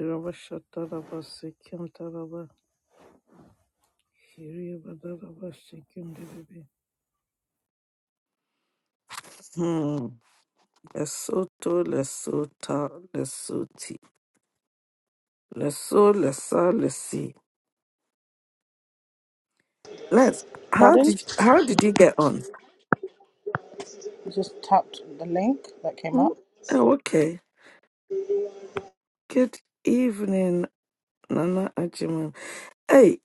Irabashatarabasikintaraba, Kiribadarabasikindiribi. Hmm. Lesotho, Lesota, Lesoti, Leso, Lesa, Lesi. Let's. How Pardon? did How did you get on? I just tapped the link that came Hmm? up. Oh, okay. Good evening, Nana Ajiman. Hey,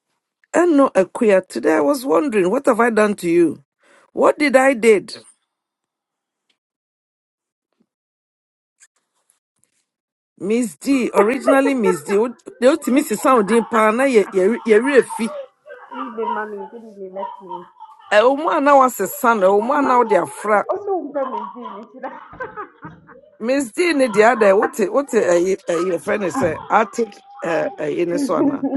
Eno Akuya. Today I was wondering, what have I done to you? What did I did? Miss D, Good originally Miss D. The ultimate evening. sound in Pana, ye ye Good evening, mommy. Good evening, Leslie. ɛwoma a na wasesa no ɛwoma a na Mama, wode afra also umpe mwingine shida. mesdii ne deɛ ada wote wote ɛyi ɛyi ɛfrɛ friend sɛ ate ɛ- ɛyi ne so anaa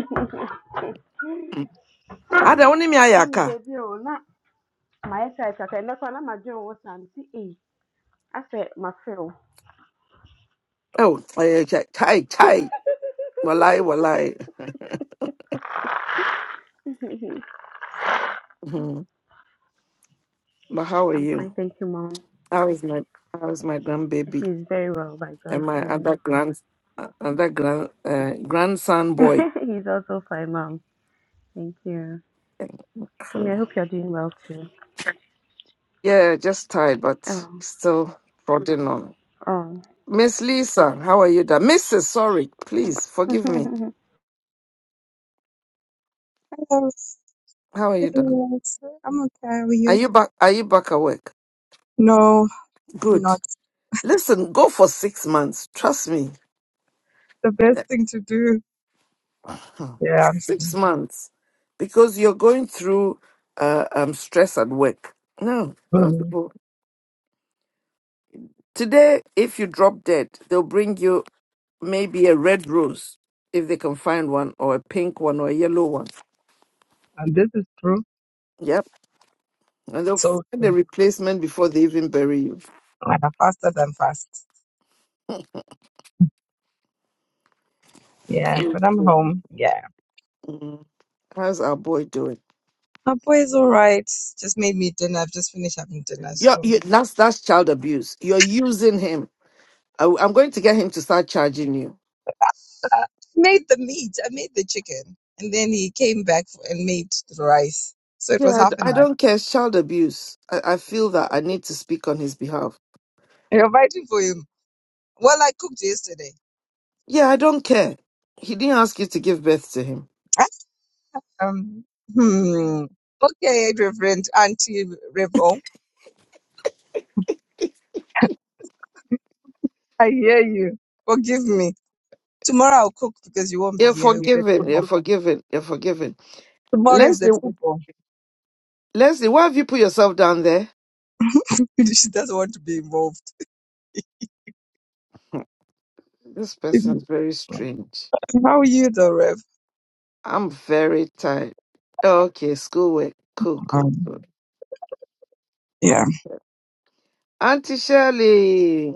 ada wo ne me ayɛ Mami aka debi o na maesha ekaka ndakwa na majo wo sam si e ase mafeo. ɛw ɛyɛ kyɛ walai walai Mhm. but how are I'm fine, you thank you, mom. how is my how is my grandbaby She's very well by God's and my grace. other grand uh, other grand uh, grandson boy He's also fine, mom. Thank you. I mean, I hope you're doing well too. yeah just tired but Um, still prodding on um, miss lisa how are you da mrs sorry please forgive me Hello. How are you doing? Hello. I'm okay. How are Are you? you back? Are you back at work? No, I'm Good. not. Listen, go for six months. Trust me, the best Eh, thing to do. hmm, Yeah, I'm. s- six months, because you're going through uh, um stress at work. No, those Mhm. people. Today, if you drop dead, they'll bring you maybe a red rose if they can find one, or a pink one, or a yellow one. And this is true. Yep, and they'll So find a true. replacement before they even bury you. i Yeah, faster than fast. Yeah, but Good. I'm cool. home. Yeah. Mm. How's our boy doing? My boy is all right. Just made me dinner. I've just finished having dinner. You're, So you, that's that's child abuse. You're using him. I, am going to get him to start charging you. I made the meat. I made the chicken. And then he came back for, and made the rice. So it Yeah, was I, half d- I an hour. don't care. It's child abuse. I, I feel that I need to speak on his behalf. I invited for him. Well, I cooked yesterday. Yeah, I don't care. He didn't ask you to give birth to him. Um, hmm. Okay, Reverend Auntie Revo, I hear you. Forgive me. Tomorrow I'll cook because you won't be You're here. You'll be at forgiven. football. You're forgiven. You're forgiven. Tomorrow is Leslie, at football. Leslie, why have you put yourself down there? she doesn't want to be involved. This person's very strange. How are you though, Rev? I'm very tired. Okay, schoolwork. Cool, cool, Um, cool. yeah. Mm. Auntie Shirley,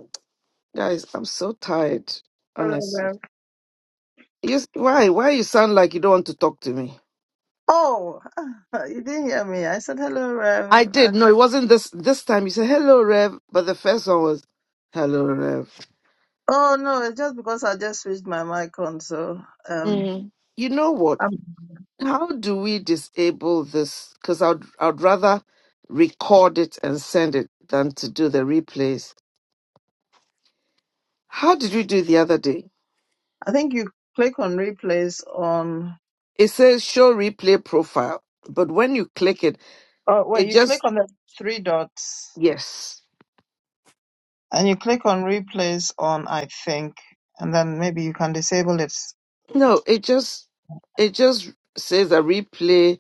guys, I'm so tired Hello, honestly. Rev. You s- why why you sound like you don't want to talk to me? Oh, you didn't hear me. I said hello, I Rev. did. And, No, it wasn't this this time. You said hello, Rev, but the first one was hello, Rev. oh no, it's just because I just switched my mic on. So um, Mm. You know what? i How do we disable this? Because I'd I'd rather record it and send it than to do the replays. How did you do the other day? I think you click on replays on. It says show replay profile, but when you click it, Oh wait, it you click just on the three dots yes. and you click on replays on. I think, and then maybe you can disable it. No, it just it just says a replay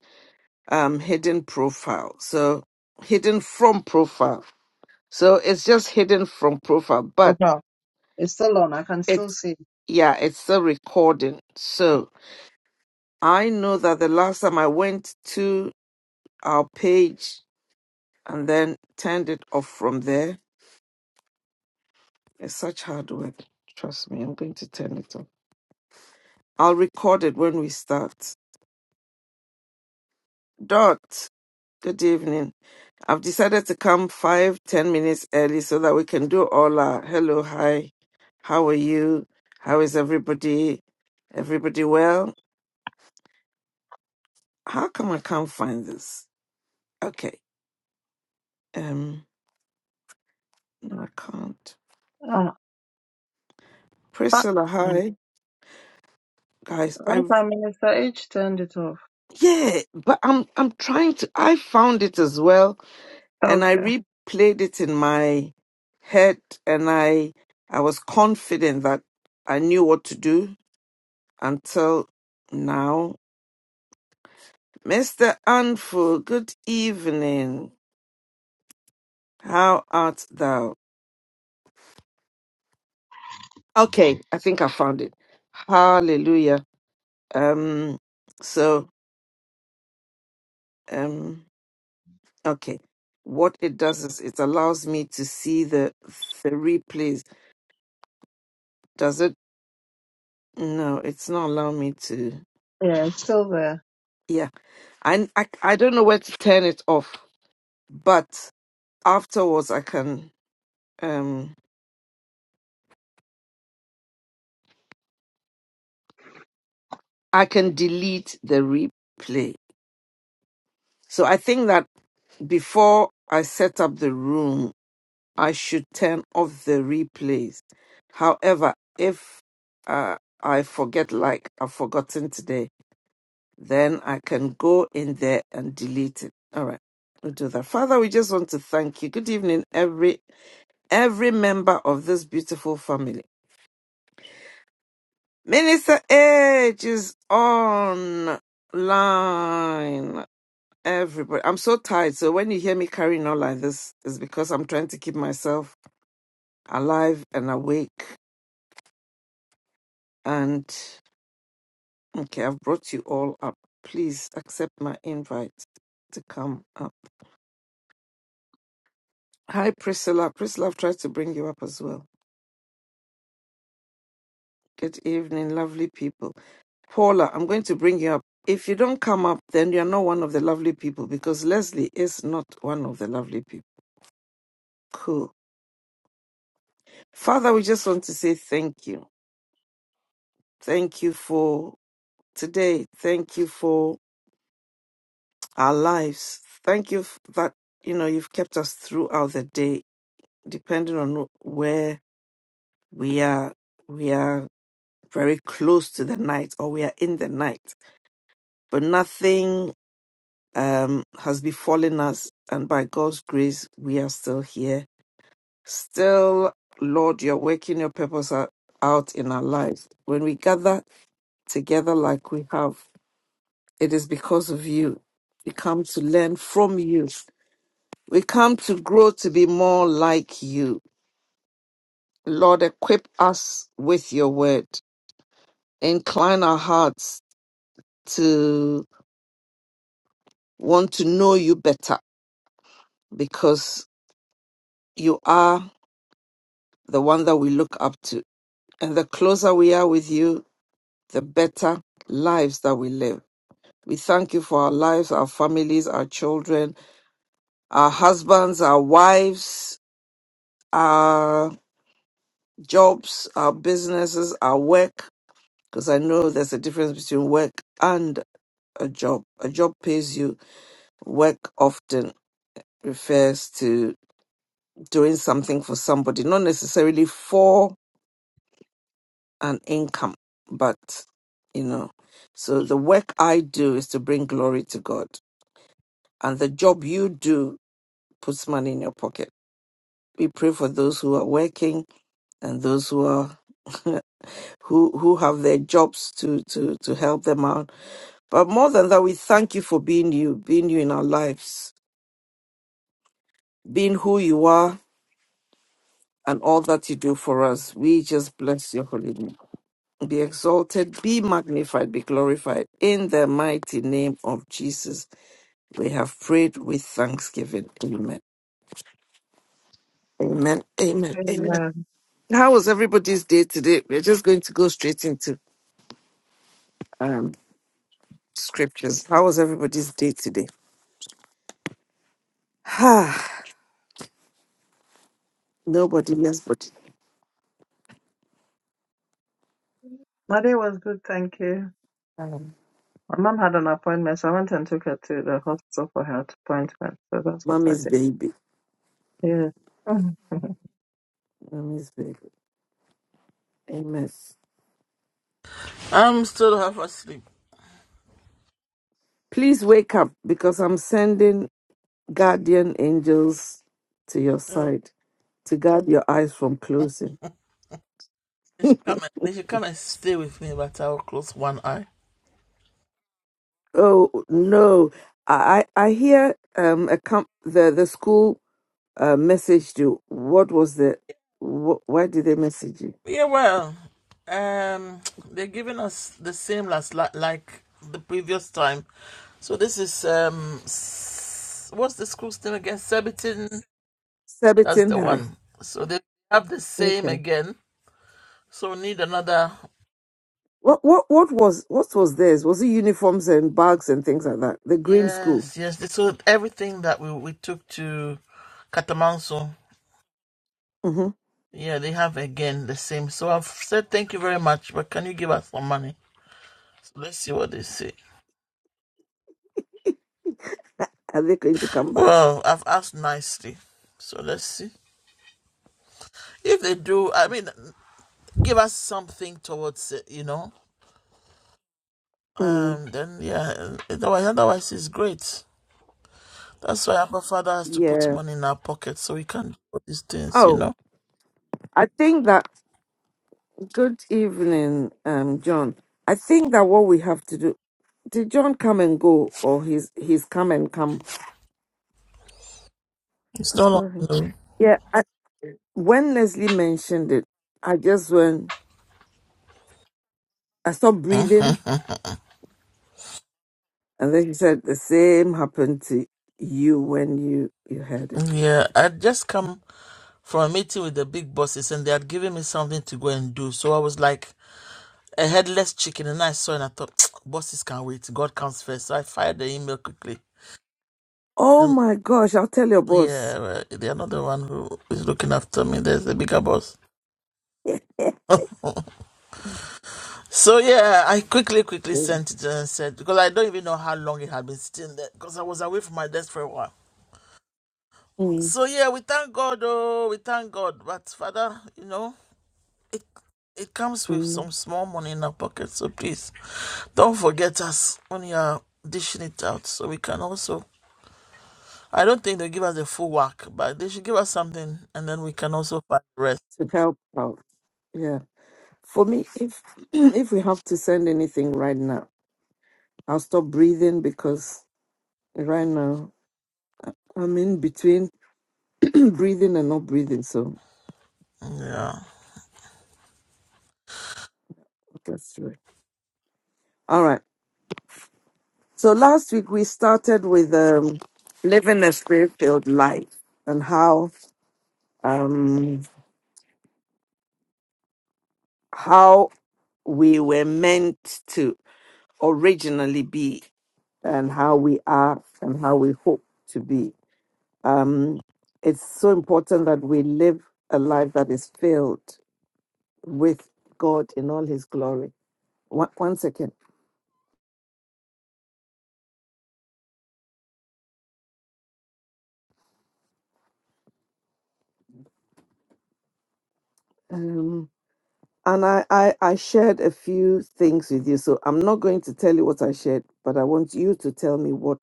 um hidden profile so hidden from profile so it's just hidden from profile Oh, but No, it's still on. I can still it's see. yeah it's still recording so i know that the last time i went to our page and then turned it off from there it's such hard work trust me i'm going to turn it off i'll record it when we start dot Good evening. I've decided to come five, ten minutes early so that we can do all our hello, hi, how are you? How is everybody? Everybody well? How come I can't find this? Okay. Um no, I can't. Oh, ah, Priscilla, hi. Guys, I last time Minister H turned it off. yeah, but I'm I'm trying to I found it as well and I Okay. replayed it in my head and I I was confident that I knew what to do until now. Mr. Anfu, good evening. How art thou? Okay, I think I found it. Hallelujah. Um, so, um, okay. What it does is it allows me to see the the replays. Does it? No, it's not allowing me to. Yeah, it's still there. Yeah, I, I I don't know where to turn it off, but afterwards I can um I can delete the replay. So I think that before I set up the room, I should turn off the replays. However, if uh, I forget, like I've forgotten today, then I can go in there and delete it. All right, we'll do that. Father, we just want to thank you. Good evening, every every member of this beautiful family. Minister Edge is online. Everybody, I'm so tired. So when you hear me carrying on like this, it's because I'm trying to keep myself alive and awake. And okay, I've brought you all up. Please accept my invite to come up. Hi, Priscilla. Priscilla, I've tried to bring you up as well. Good evening, lovely people. Paula, I'm going to bring you up. If you don't come up, then you're not one of the lovely people because Leslie is not one of the lovely people. Cool. Father, we just want to say thank you. Thank you for today. Thank you for our lives. Thank you f- that you know you've kept us throughout the day. Depending on wh- where we are, we are very close to the night, or we are in the night. But nothing um, has befallen us, and by God's grace, we are still here. Still, Lord, you're working your purpose out, out in our lives. When we gather together like we have, it is because of you. We come to learn from you We come to grow to be more like you. Lord, equip us with your word. Incline our hearts to want to know you better because you are the one that we look up to. And the closer we are with you, the better lives that we live. We thank you for our lives, our families, our children, our husbands, our wives, our jobs, our businesses, our work, because I know there's a difference between work and a job. A job pays you. Work often refers to doing something for somebody, not necessarily for an income, but you know. So the work I do is to bring glory to God, and the job you do puts money in your pocket. We pray for those who are working and those who are who who have their jobs to to to help them out But more than that, we thank you for being you, being you in our lives, being who you are, and all that you do for us. We just bless your holy name. Be exalted, be magnified, be glorified. In the mighty name of Jesus, we have prayed with thanksgiving. Amen. Amen. Amen. Amen. Amen. How was everybody's day today? We're just going to go straight into um scriptures. How was everybody's day today? Ah, nobody else but My day was good, thank you. um, My mom had an appointment, so I went and took her to the hospital for her appointment. So that's what I mommy's did. baby. Yeah. Mommy's baby. Amen. I'm still half asleep. Please wake up because I'm sending guardian angels to your So side to guard your eyes from closing. they should come. And, they should come and stay with me, but I'll close one eye. Oh no, I I I hear um a com- the the school uh, messaged you. What was the wh- why did they message you? Yeah, well, um, they're giving us the same as like, like the previous time. So this is um, s- what's the school's name again? Surbiton. That's Surbiton the High. one. So they have the same Okay. again. So we need another. What what what was what was theirs? Was it uniforms and bags and things like that? The green school. Yes, yes. So everything that we we took to Katamanso Mm-hmm. Yeah, they have again the same. So I've said thank you very much, but can you give us some money? So let's see what they say. Are they going to come back? Well, I've asked nicely. So let's see. If they do, I mean, give us something towards it, you know? Mm, Um, then, yeah, otherwise, otherwise it's great. That's why Abba Father has to put yeah. money in our pocket so we can do these things, you Oh, know? I think that Good evening, um, John. I think that what we have to do. Did John come and go, or he's he's come and come? It's Oh, no Sorry. longer. Yeah. I, when Leslie mentioned it, I just went. I stopped breathing, and then she said the same happened to you when you you heard it. yeah, i just come from a meeting with the big bosses and they had given me something to go and do. So I was like, a headless chicken, and I saw it and I thought, bosses can wait. God comes first. So I fired the email quickly. Oh And my gosh! I'll tell your boss yeah, well, the another one who is looking after me, there's a bigger boss. so yeah, I quickly, quickly Mm, sent it and said because I don't even know how long it had been sitting there because I was away from my desk for a while. mm, So yeah, we thank God, oh, we thank God. But Father, you know, it it comes with mm, some small money in our pocket. So please don't forget us when you are dishing it out, so we can also I don't think they give us a full whack, but they should give us something, and then we can also find the rest. to help out. Yeah. For me, if if we have to send anything right now, I'll stop breathing because right now I'm in between breathing and not breathing. So Yeah. that's right. All right. So last week we started with um, living a spirit-filled life and how um, how we were meant to originally be and how we are and how we hope to be um, it's so important that we live a life that is filled with God in all His glory. One, one second. Um, and I, I, I shared a few things with you, so I'm not going to tell you what I shared, but I want you to tell me what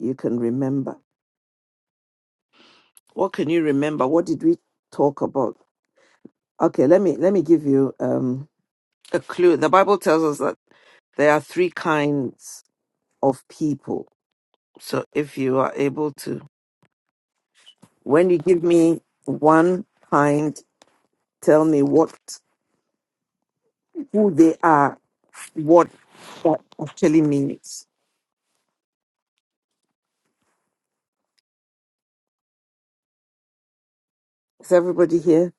you can remember. What can you remember? What did we talk about? Okay, let me let me give you um, a clue. The Bible tells us that there are three kinds of people. So if you are able to When you give me one kind, tell me what, who they are, what that actually means. Is everybody here?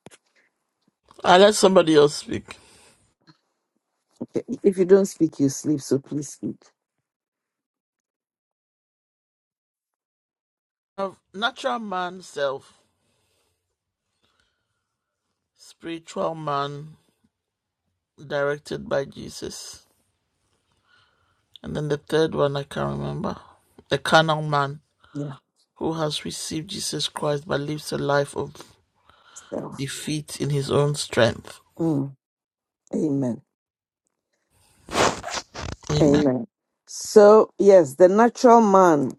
I let somebody else speak. Okay. If you don't speak, you sleep, so please speak. Of natural man self, spiritual man directed by Jesus, and then the third one I can't remember. The carnal man Yeah, who has received Jesus Christ but lives a life of self. defeat in his own strength. Mm, amen. Amen. Amen. So, yes, the natural man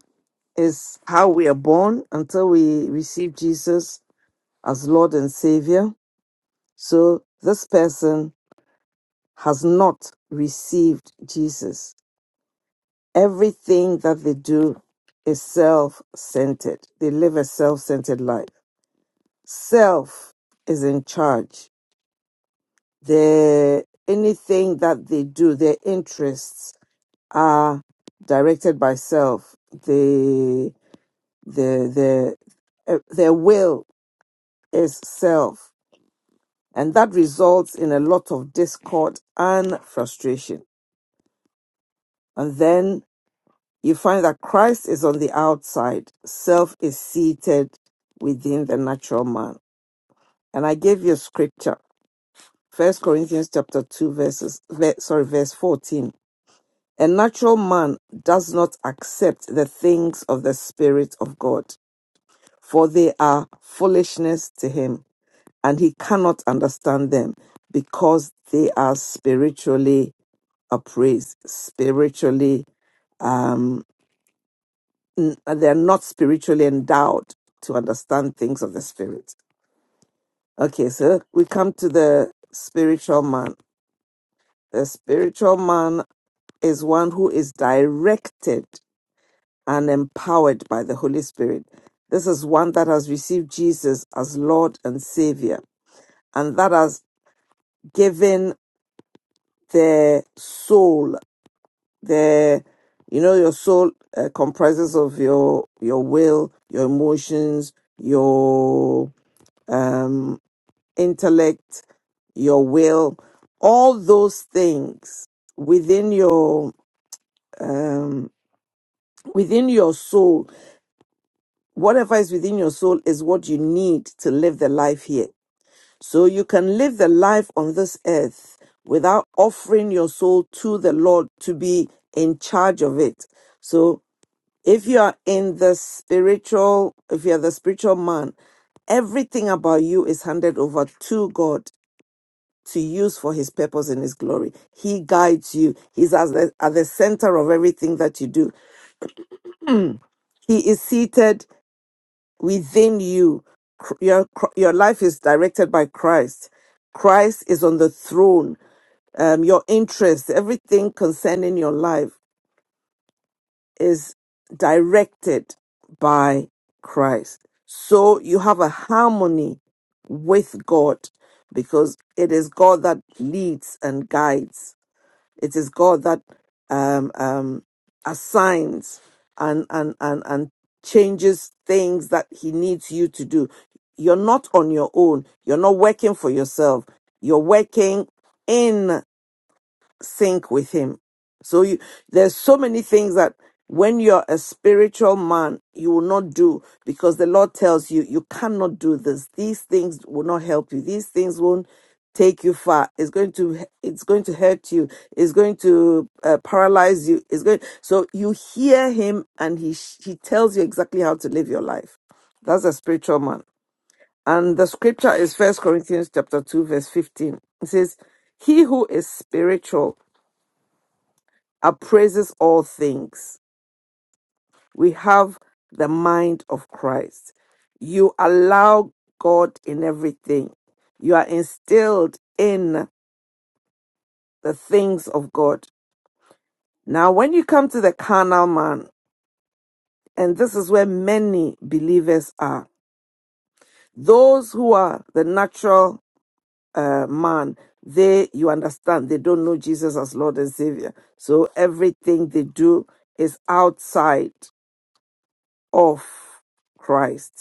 is how we are born until we receive Jesus as Lord and Savior. So, this person has not received Jesus. Everything that they do is self centered, they live a self centered life. Self is in charge. Their anything that they do, their interests are directed by self. They their their uh, their will is self and that results in a lot of discord and frustration and then you find that christ is on the outside self is seated within the natural man and i gave you a scripture first corinthians chapter 2 verses ve- sorry verse 14 a natural man does not accept the things of the spirit of god for they are foolishness to him and he cannot understand them because they are spiritually appraised, spiritually, um, n- they're not spiritually endowed to understand things of the spirit. Okay, so we come to the spiritual man. The spiritual man is one who is directed and empowered by the Holy Spirit. This is one that has received Jesus as Lord and Savior and that has given their soul there you know your soul uh, comprises of your your will your emotions your um intellect your will all those things within your um within your soul whatever is within your soul is what you need to live the life here so you can live the life on this earth without offering your soul to the lord to be in charge of it so if you're in the spiritual if you're the spiritual man everything about you is handed over to god to use for his purpose and his glory he guides you he's at the, at the center of everything that you do he is seated within you Cr- your cr- your life is directed by christ christ is on the throne um, your interests everything concerning your life is directed by Christ. So you have a harmony with God because it is God that leads and guides. It is God that um, um, assigns and, and, and, and changes things that He needs you to do. You're not on your own. You're not working for yourself. You're working in sync with him. So you, there's so many things that when you're a spiritual man, you will not do because the Lord tells you you cannot do this. These things will not help you. These things won't take you far. It's going to it's going to hurt you. It's going to uh, paralyze you. It's going so you hear him and he sh- he tells you exactly how to live your life. That's a spiritual man. And the scripture is First Corinthians chapter 2 verse 15. It says, "He who is spiritual appraises all things. We have the mind of Christ. You allow God in everything. You are instilled in the things of God. Now, when you come to the carnal man, and this is where many believers are, those who are the natural uh, man, they, you understand, they don't know Jesus as Lord and Savior. So everything they do is outside of Christ.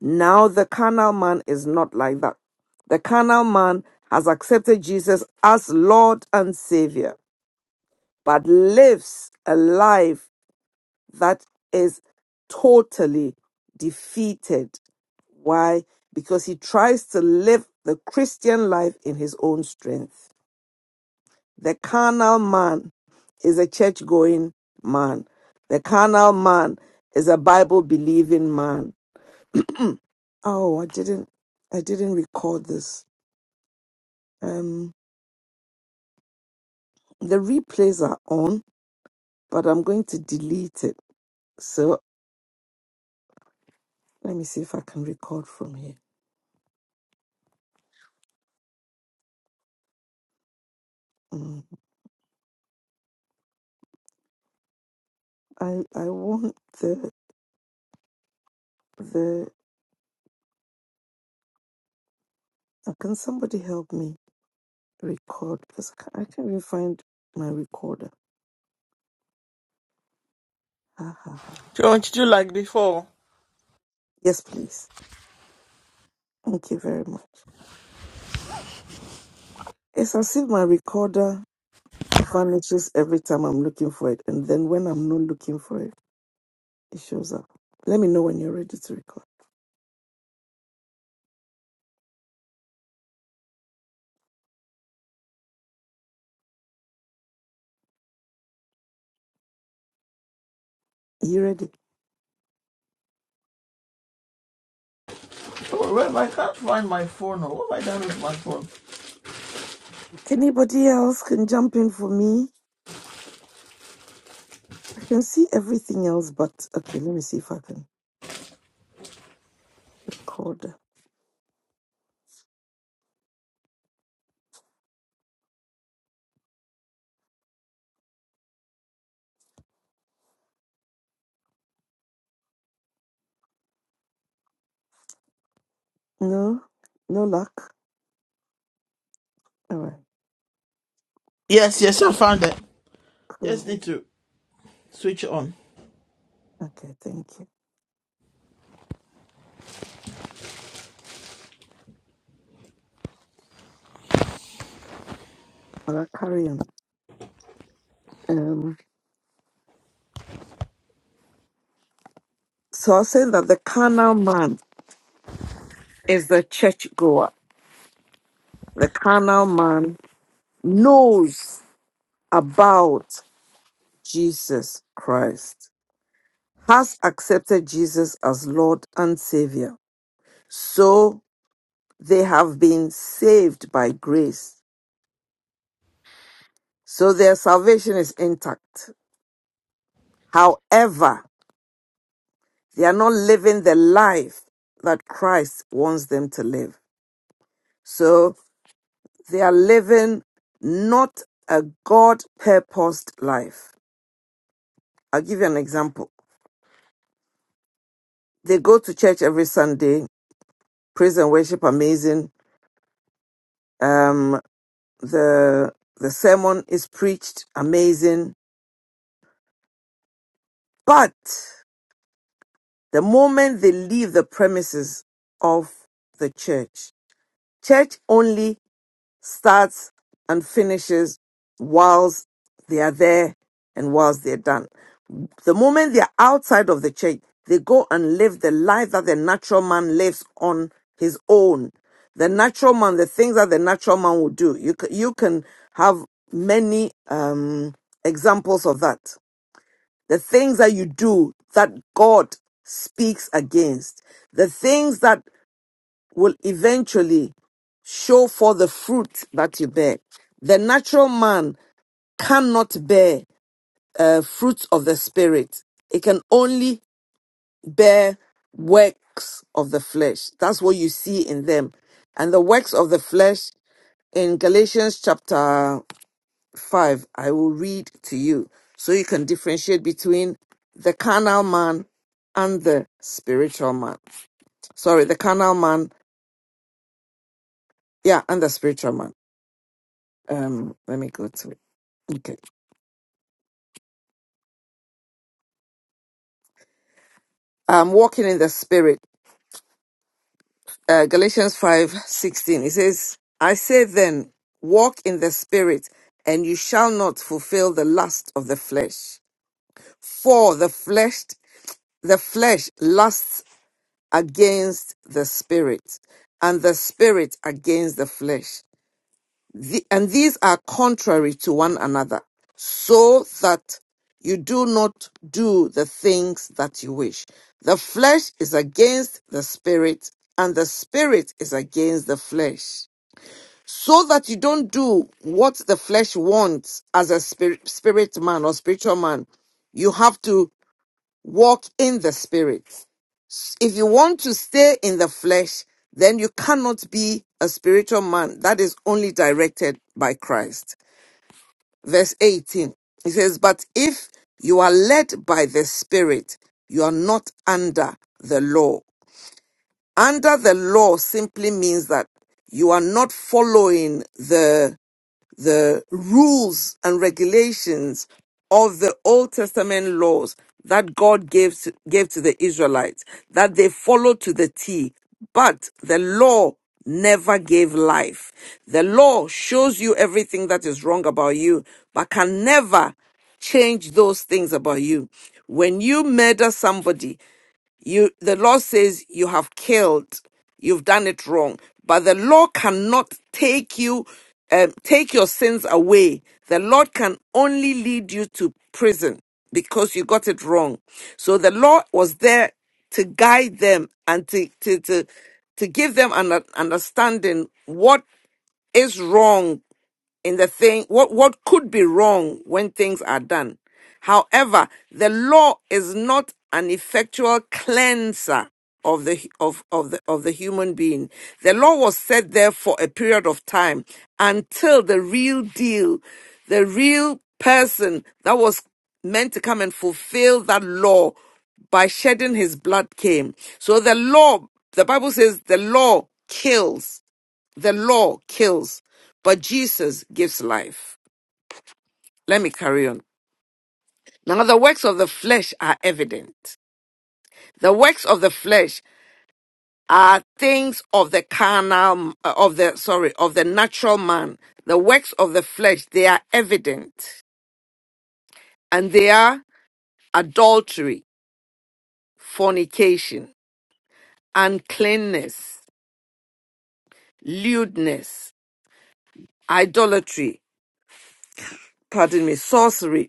Now the carnal man is not like that. The carnal man has accepted Jesus as Lord and Savior, but lives a life that is totally defeated. Why? Because he tries to live the Christian life in his own strength. The carnal man is a church going man. The carnal man is a Bible believing man. Oh, I didn't I didn't record this. Um, the replays are on, but I'm going to delete it. So let me see if I can record from here. Mm. I I want the the. Uh, can somebody help me record? Because I can't, I can't even find my recorder. Ha, ha, ha. So what did you do like before? Yes, please. Thank you very much. It's as if my recorder vanishes every time I'm looking for it, and then when I'm not looking for it, it shows up. Let me know when you're ready to record. You ready? Oh, well, I can't find my phone. Now. What have I done with my phone? Anybody else can jump in for me? can see everything else, but okay, let me see if I can record. No, no luck. All right, Yes, yes, I found it. cool. Just need to Switch on. Okay, thank you. Well, I'll carry on. Um, so I was saying that the carnal man is the churchgoer. The carnal man knows about Jesus Christ, has accepted Jesus as Lord and Savior. So they have been saved by grace. So their salvation is intact However, they are not living the life that Christ wants them to live. So they are living not a God purposed life. I'll give you an example. They go to church every Sunday, praise and worship, amazing. Um, the the sermon is preached, amazing. But the moment they leave the premises of the church, church only starts and finishes whilst they are there and whilst they're done. The moment they're outside of the church, they go and live the life that the natural man lives on his own. The natural man, the things that the natural man will do. You can, you can have many um, examples of that. The things that you do that God speaks against. The things that will eventually show forth the fruit that you bear. The natural man cannot bear uh, fruits of the spirit. It can only bear works of the flesh. That's what you see in them. And the works of the flesh in Galatians chapter 5, I will read to you so you can differentiate between the carnal man and the spiritual man. Sorry, the carnal man, yeah, and the spiritual man. Um, let me go to it. Okay. um, walking in the spirit. Uh, Galatians five sixteen. It says, I say then, walk in the spirit, and you shall not fulfill the lust of the flesh. For the flesh, the flesh lusts against the spirit, and the spirit against the flesh. The- and these are contrary to one another, so that you do not do the things that you wish. The flesh is against the spirit, and the spirit is against the flesh, so that you don't do what the flesh wants as a spirit, spirit man or spiritual man. You have to walk in the spirit. If you want to stay in the flesh, then you cannot be a spiritual man that is only directed by Christ verse 18. He says, But if you are led by the Spirit, you are not under the law. Under the law simply means that you are not following the." the rules and regulations of the Old Testament laws that God gave to, gave to the Israelites, that they followed to the T. But the law never gave life. The law shows you everything that is wrong about you, but can never change those things about you. When you murder somebody, you the law says you have killed you've done it wrong but the law cannot take you um, take your sins away the lord can only lead you to prison because you got it wrong so the law was there to guide them and to to to, to give them an un- understanding what is wrong in the thing what what could be wrong when things are done however the law is not an effectual cleanser of the of of the of the human being the law was set there for a period of time until the real deal the real person that was meant to come and fulfill that law by shedding his blood came so the law the bible says the law kills the law kills, but Jesus gives life. Let me carry on. Now, the works of the flesh are evident. The works of the flesh are things of the carnal, uh, of the, sorry, of the natural man. The works of the flesh, they are evident. And they are adultery, fornication, uncleanness, lewdness, idolatry, pardon me, sorcery,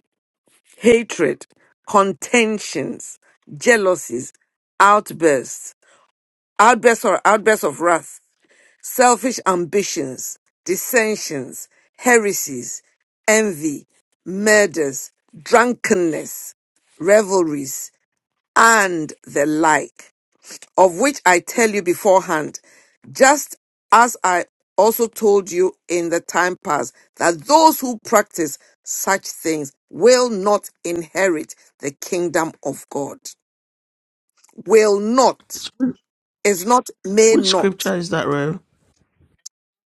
hatred, contentions, jealousies, outbursts, outbursts or outbursts of wrath, selfish ambitions, dissensions, heresies, envy, murders, drunkenness, revelries, and the like of which I tell you beforehand, just as I also told you in the time past, that those who practice such things will not inherit the kingdom of God. Will not, is not, may Which not. scripture is that, Rev?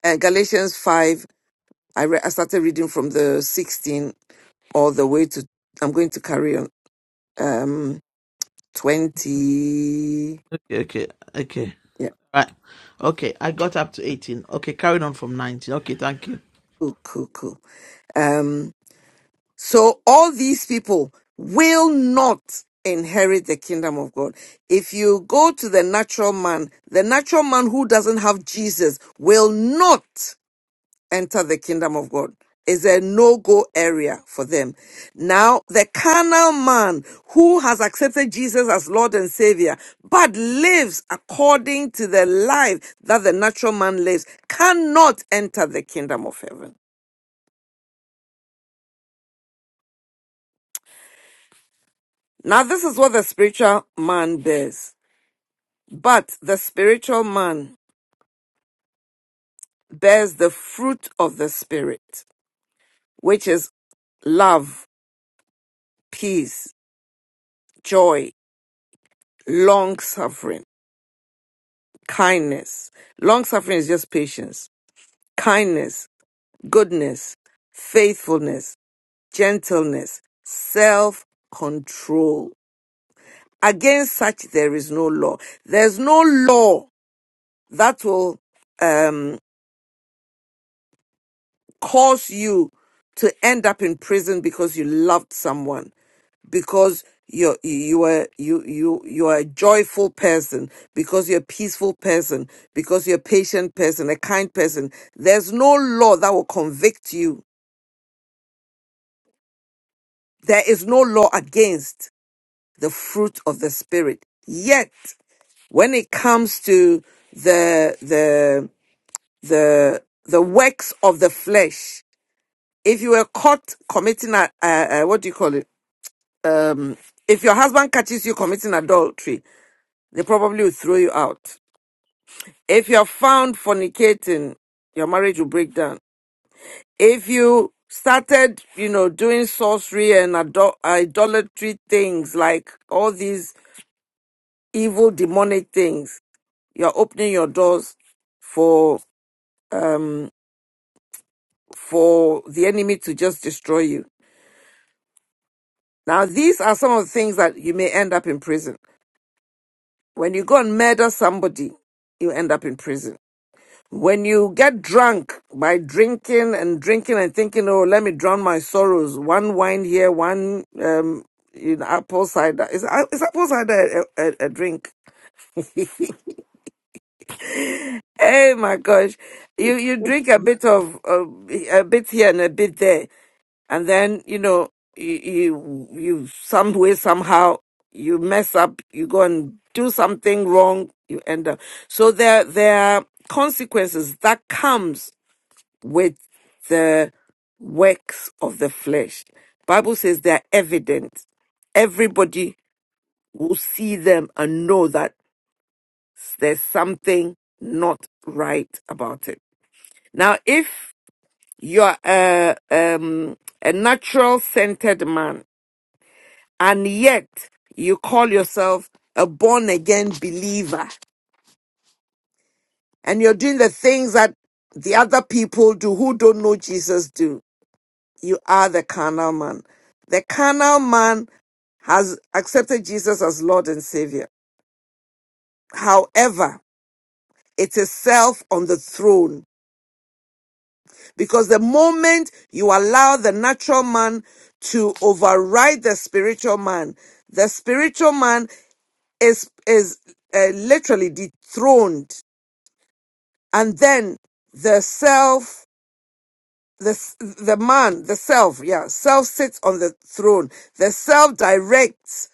Uh, Galatians 5, I, re- I started reading from the 16 all the way to, I'm going to carry on, um, 20. Okay, okay, okay. Yeah, Right. Okay, I got up to 18. Okay, carried on from 19. Okay, thank you. cool, cool, cool. Um, So all these people will not inherit the kingdom of God. If you go to the natural man, the natural man who doesn't have Jesus will not enter the kingdom of God. Is a no-go area for them. Now, the carnal man who has accepted Jesus as Lord and Savior, but lives according to the life that the natural man lives, cannot enter the kingdom of heaven. Now, this is what the spiritual man bears. But the spiritual man bears the fruit of the Spirit, which is love, peace, joy, long suffering, kindness. Long suffering is just patience, kindness, goodness, faithfulness, gentleness, self control. Against such there is no law. There's no law that will um, cause you to end up in prison because you loved someone because you're you are you you you are a joyful person because you're a peaceful person because you're a patient person a kind person there's no law that will convict you there is no law against the fruit of the spirit yet when it comes to the the the the works of the flesh if you were caught committing a, a, a what do you call it um if your husband catches you committing adultery they probably will throw you out If you're found fornicating, your marriage will break down. If you started, you know, doing sorcery and idol- idolatry things like all these evil demonic things, you're opening your doors for for the enemy to just destroy you. Now, these are some of the things that you may end up in prison. When you go and murder somebody, you end up in prison When you get drunk by drinking and drinking and thinking, oh, let me drown my sorrows, one wine here, one um, you know, apple cider. Is, is apple cider a, a, a drink? Oh my gosh. You you drink a bit of, uh, a bit here and a bit there. And then, you know, you, you, you some way, somehow, you mess up, you go and do something wrong, you end up. So there, there are consequences that comes with the works of the flesh. Bible says they are evident. Everybody will see them and know that there's something not right about it. Now, if you're a, um, a natural centered man and yet you call yourself a born again believer and you're doing the things that the other people do who don't know Jesus do, You are the carnal man. The carnal man has accepted Jesus as Lord and Savior. However, it is self on the throne because the moment you allow the natural man to override the spiritual man, the spiritual man is is uh, literally dethroned, and then the self, the s- the man, the self, yeah, self sits on the throne. The self directs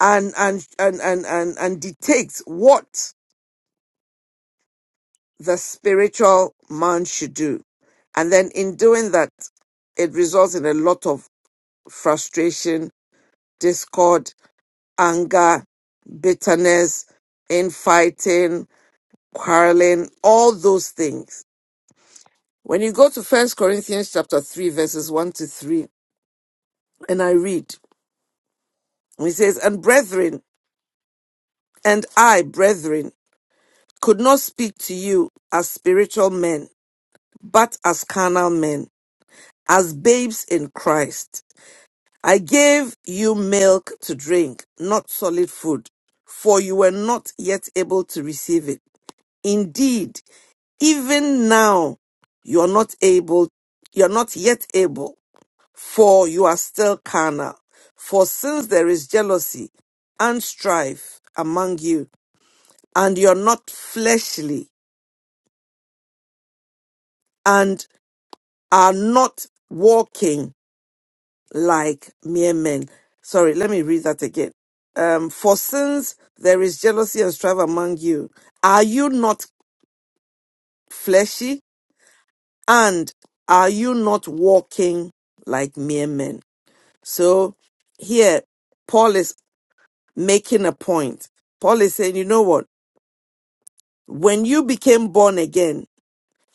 and and and and and, and dictates what the spiritual man should do and then in doing that it results in a lot of frustration discord anger bitterness infighting quarreling all those things when you go to first corinthians chapter 3 verses 1 to 3 and i read it says and brethren and i brethren could not speak to you as spiritual men but as carnal men, as babes in Christ. I gave you milk to drink, not solid food, for you were not yet able to receive it. Indeed, even now you are not able, you are not yet able, for you are still carnal. For since there is jealousy and strife among you, and you are not fleshly, and are not walking like mere men. Sorry, let me read that again. Um, for since there is jealousy and strife among you, are you not fleshy and are you not walking like mere men? So here, Paul is making a point. Paul is saying, you know what? When you became born again,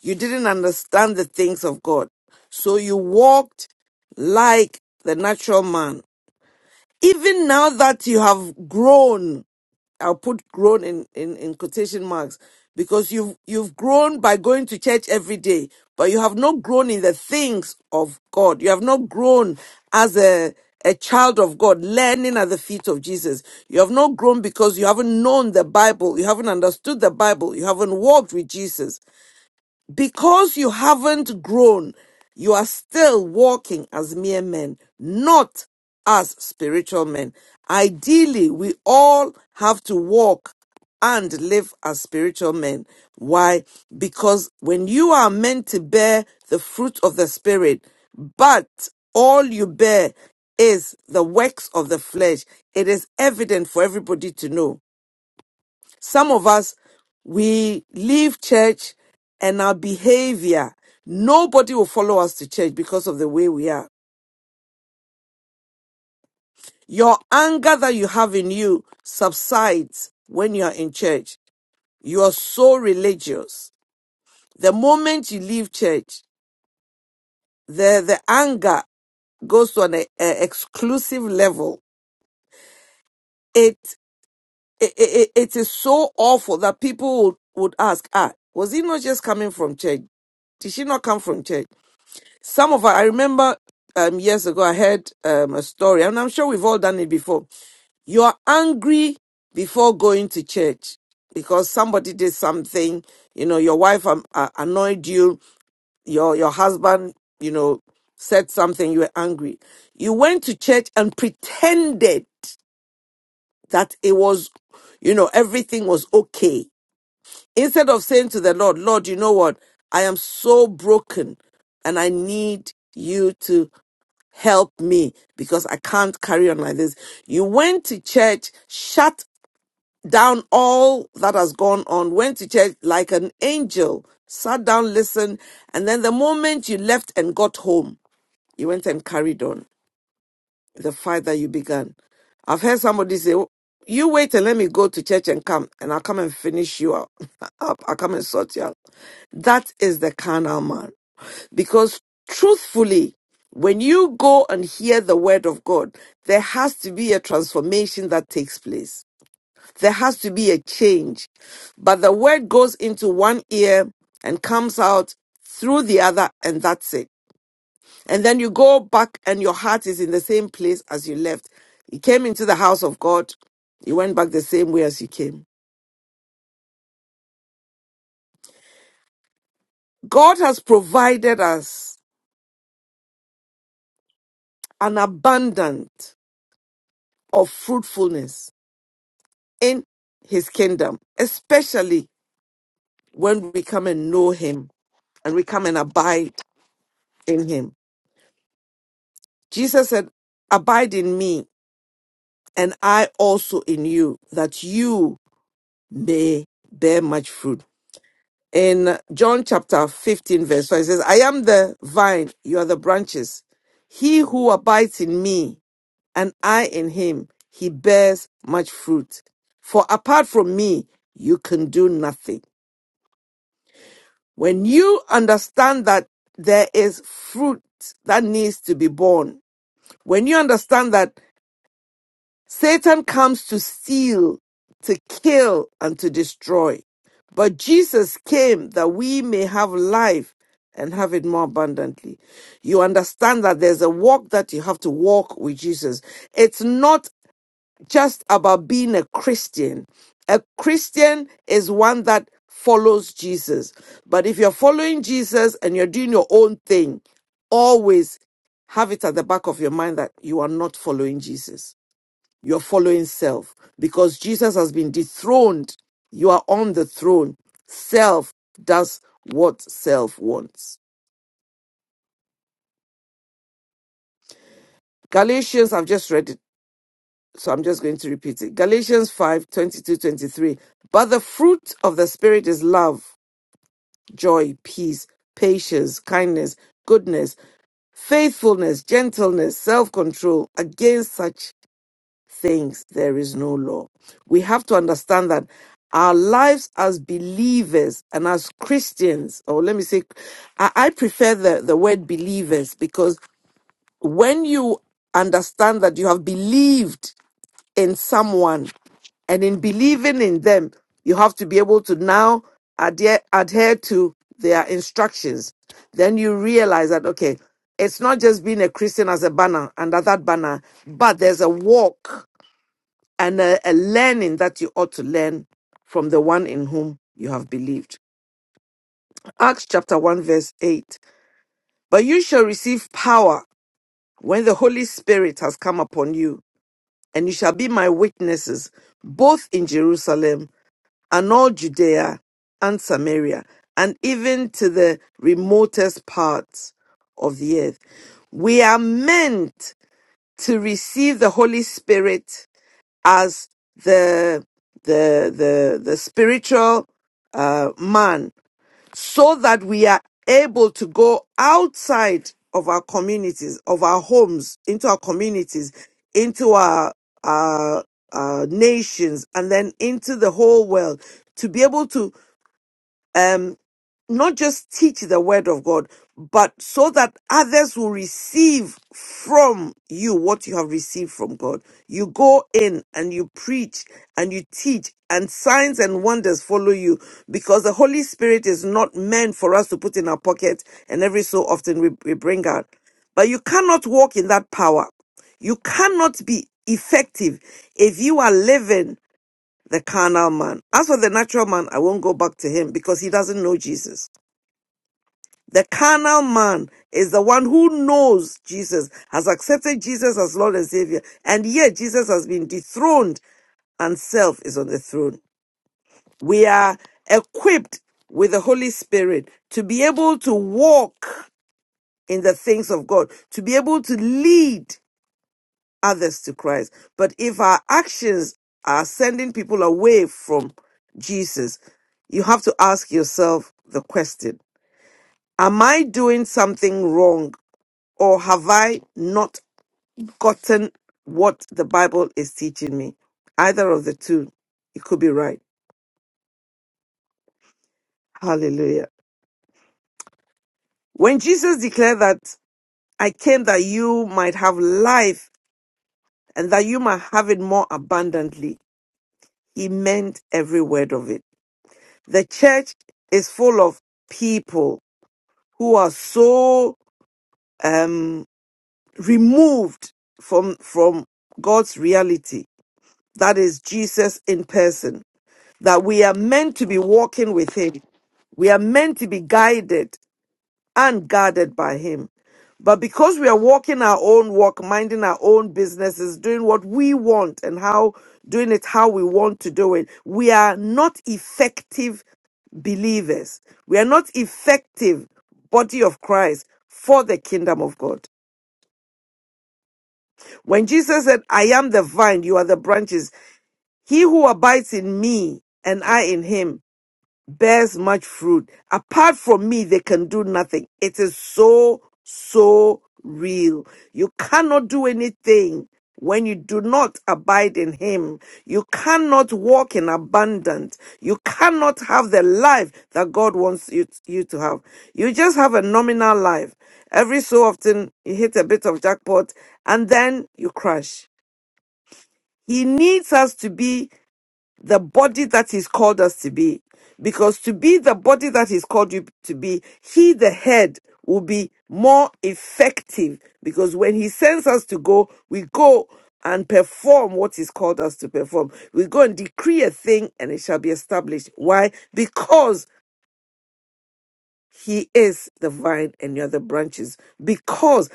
you didn't understand the things of God. So you walked like the natural man. Even now that you have grown, I'll put grown in, in, in quotation marks because you've you've grown by going to church every day, but you have not grown in the things of God. You have not grown as a a child of God, learning at the feet of Jesus. You have not grown because you haven't known the Bible, you haven't understood the Bible, you haven't walked with Jesus. Because you haven't grown, you are still walking as mere men, not as spiritual men. Ideally, we all have to walk and live as spiritual men. Why? Because when you are meant to bear the fruit of the Spirit, but all you bear is the works of the flesh, it is evident for everybody to know. Some of us, we leave church and our behavior, nobody will follow us to church because of the way we are. Your anger that you have in you subsides when you are in church. You are so religious. The moment you leave church, the, the anger goes to an e- e- exclusive level. It, it, it, it is so awful that people would, would ask, ah, was he not just coming from church? Did she not come from church? Some of our, I remember um, years ago, I heard um, a story, and I'm sure we've all done it before. You are angry before going to church because somebody did something. You know, your wife um, uh, annoyed you. Your your husband, you know, said something. You were angry. You went to church and pretended that it was, you know, everything was okay. Instead of saying to the Lord, Lord, you know what? I am so broken and I need you to help me because I can't carry on like this. You went to church, shut down all that has gone on, went to church like an angel, sat down, listened, and then the moment you left and got home, you went and carried on the fight that you began. I've heard somebody say, "Oh, You wait and let me go to church and come, and I'll come and finish you up. up. I'll come and sort you out. That is the carnal man. Because truthfully, when you go and hear the word of God, there has to be a transformation that takes place. There has to be a change. But the word goes into one ear and comes out through the other, and that's it and then you go back and your heart is in the same place as you left. You came into the house of God, you went back the same way as you came. God has provided us an abundance of fruitfulness in his kingdom, especially when we come and know him and we come and abide in him. Jesus said, Abide in me, and I also in you, that you may bear much fruit. in John chapter 15, verse 5, it says, I am the vine, you are the branches. He who abides in me and I in him, he bears much fruit. For apart from me, you can do nothing. When you understand that there is fruit that needs to be born, when you understand that Satan comes to steal, to kill, and to destroy. But Jesus came that we may have life and have it more abundantly. You understand that there's a walk that you have to walk with Jesus. It's not just about being a Christian. A Christian is one that follows Jesus. But if you're following Jesus and you're doing your own thing, always have it at the back of your mind that you are not following Jesus your following self because Jesus has been dethroned. You are on the throne. Self does what self wants. Galatians, I've just read it, so I'm just going to repeat it. Galatians 5 22 23. But the fruit of the Spirit is love, joy, peace, patience, kindness, goodness, faithfulness, gentleness, self control. Against such things there is no law. We have to understand that our lives as believers and as Christians, or let me say, I, I prefer the, the word believers because when you understand that you have believed in someone and in believing in them, you have to be able to now adhere, adhere to their instructions. Then you realize that, okay, it's not just being a Christian as a banner under that banner, but there's a walk and a, a learning that you ought to learn from the one in whom you have believed. Acts chapter 1, verse 8. But you shall receive power when the Holy Spirit has come upon you, and you shall be my witnesses both in Jerusalem and all Judea and Samaria, and even to the remotest parts of the earth. We are meant to receive the Holy Spirit as the the the the spiritual uh, man so that we are able to go outside of our communities of our homes into our communities into our our, our nations and then into the whole world to be able to um, not just teach the word of God, but so that others will receive from you what you have received from God. You go in and you preach and you teach, and signs and wonders follow you because the Holy Spirit is not meant for us to put in our pocket and every so often we, we bring out. But you cannot walk in that power. You cannot be effective if you are living the carnal man. As for the natural man, I won't go back to him because he doesn't know Jesus. The carnal man is the one who knows Jesus, has accepted Jesus as Lord and Savior, and yet Jesus has been dethroned and self is on the throne. We are equipped with the Holy Spirit to be able to walk in the things of God, to be able to lead others to Christ. But if our actions are sending people away from Jesus, you have to ask yourself the question Am I doing something wrong or have I not gotten what the Bible is teaching me? Either of the two, it could be right. Hallelujah. When Jesus declared that I came that you might have life and that you might have it more abundantly, he meant every word of it. The church is full of people who are so um, removed from from God's reality. That is Jesus in person that we are meant to be walking with Him. We are meant to be guided and guarded by Him. But because we are walking our own walk, minding our own businesses, doing what we want and how doing it how we want to do it, we are not effective believers. We are not effective body of Christ for the kingdom of God. When Jesus said, I am the vine, you are the branches, he who abides in me and I in him bears much fruit. Apart from me, they can do nothing. It is so, so real. You cannot do anything when you do not abide in Him. You cannot walk in abundance. You cannot have the life that God wants you, you to have. You just have a nominal life. Every so often, you hit a bit of jackpot and then you crash. He needs us to be the body that he's called us to be. Because to be the body that he's called you to be, he, the head, will be more effective. Because when he sends us to go, we go and perform what he's called us to perform. We go and decree a thing and it shall be established. Why? Because he is the vine and you're the branches. Because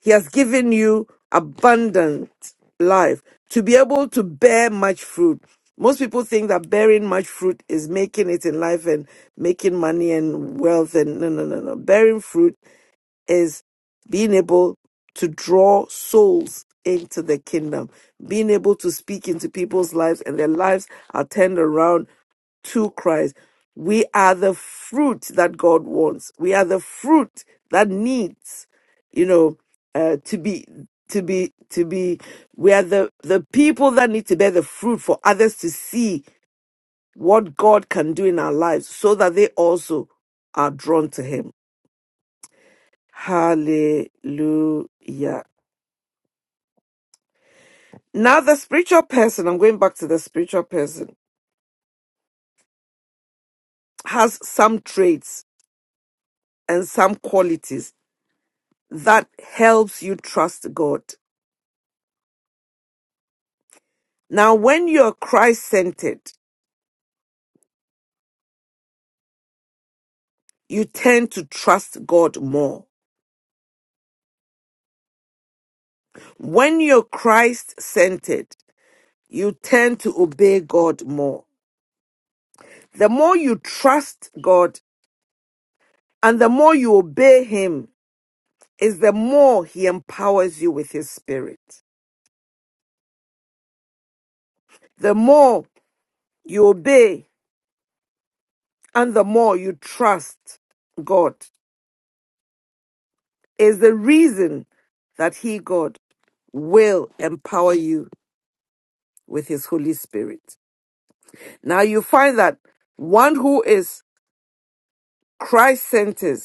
he has given you abundant life to be able to bear much fruit. Most people think that bearing much fruit is making it in life and making money and wealth. And no, no, no, no. Bearing fruit is being able to draw souls into the kingdom, being able to speak into people's lives and their lives are turned around to Christ. We are the fruit that God wants. We are the fruit that needs, you know, uh, to be to be to be we are the the people that need to bear the fruit for others to see what God can do in our lives so that they also are drawn to him. Hallelujah. Now the spiritual person, I'm going back to the spiritual person, has some traits and some qualities that helps you trust God. Now, when you're Christ centered, you tend to trust God more. When you're Christ centered, you tend to obey God more. The more you trust God and the more you obey Him, is the more He empowers you with His Spirit. The more you obey and the more you trust God, is the reason that He, God, will empower you with his Holy Spirit. Now you find that one who is Christ centered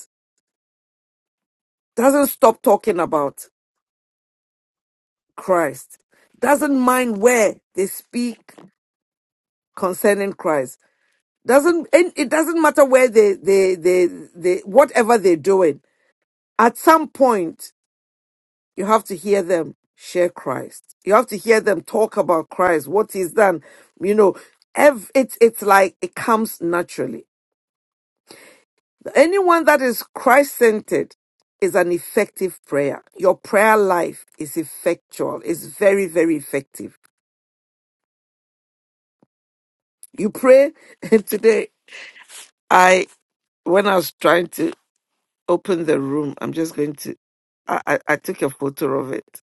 doesn't stop talking about Christ, doesn't mind where they speak concerning Christ, doesn't and it doesn't matter where they they they, they whatever they're doing. At some point, you have to hear them share Christ. You have to hear them talk about Christ, what he's done. You know, ev- it's it's like it comes naturally. Anyone that is Christ centered is an effective prayer. Your prayer life is effectual, it's very, very effective. You pray, and today I, when I was trying to open the room, I'm just going to, I, I, I took a photo of it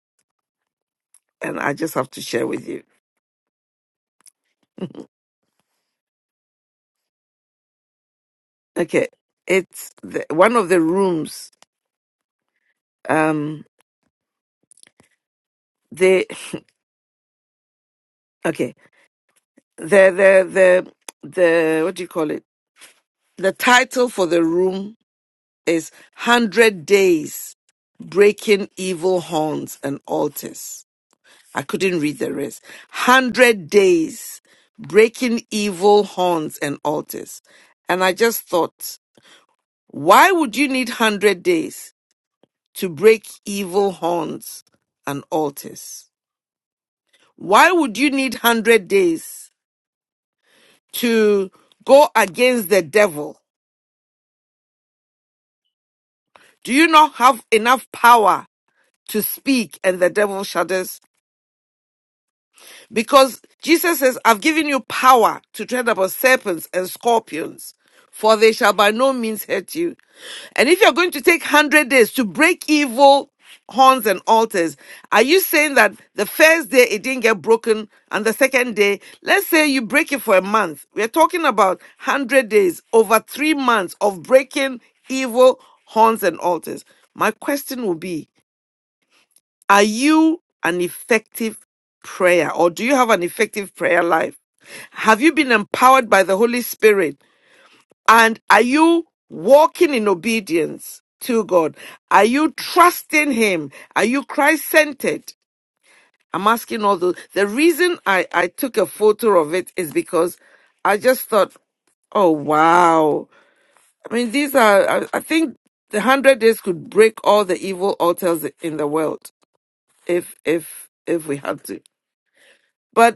and I just have to share with you. Okay. It's the, one of the rooms, um, they, okay, the, the, the, the, what do you call it? The title for the room is 100 days breaking evil horns and altars. I couldn't read the rest. 100 days breaking evil horns and altars. And I just thought, why would you need 100 days to break evil horns and altars? Why would you need 100 days to go against the devil? Do you not have enough power to speak and the devil shudders? Because Jesus says, I've given you power to tread upon serpents and scorpions, for they shall by no means hurt you. And if you're going to take 100 days to break evil horns and altars, are you saying that the first day it didn't get broken and the second day, let's say you break it for a month? We're talking about 100 days over three months of breaking evil horns and altars. My question will be, are you an effective prayer or do you have an effective prayer life? Have you been empowered by the Holy Spirit? And are you walking in obedience to God? Are you trusting Him? Are you Christ centered? I'm asking all those. The reason I, I took a photo of it is because I just thought, oh, wow. I mean, these are, I, I think the 100 days could break all the evil altars in the world if, if, if we had to. But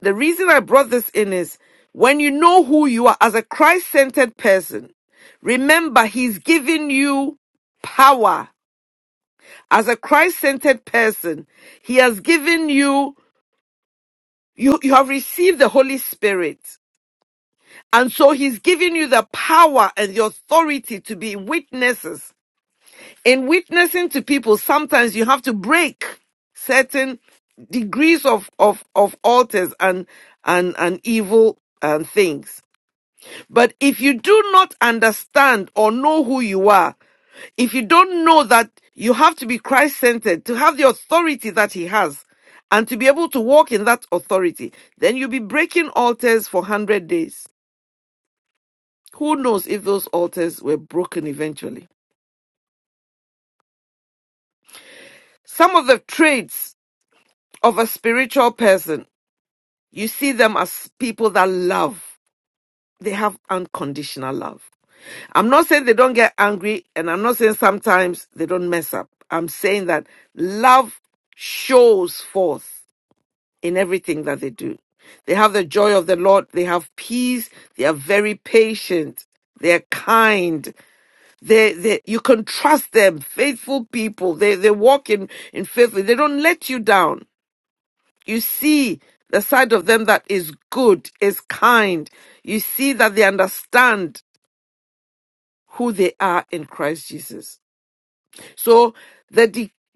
the reason I brought this in is when you know who you are as a Christ centered person, remember He's given you power. As a Christ centered person, He has given you, you, you have received the Holy Spirit. And so He's given you the power and the authority to be witnesses. In witnessing to people, sometimes you have to break certain degrees of, of, of altars and, and, and evil and things. But if you do not understand or know who you are, if you don't know that you have to be Christ centered to have the authority that He has and to be able to walk in that authority, then you'll be breaking altars for 100 days. Who knows if those altars were broken eventually? Some of the traits of a spiritual person, you see them as people that love. they have unconditional love. I'm not saying they don't get angry, and I'm not saying sometimes they don't mess up. I'm saying that love shows forth in everything that they do. They have the joy of the Lord, they have peace, they are very patient, they're kind, they they you can trust them, faithful people. They they walk in, in faithful, they don't let you down. You see the side of them that is good, is kind. You see that they understand who they are in Christ Jesus. So the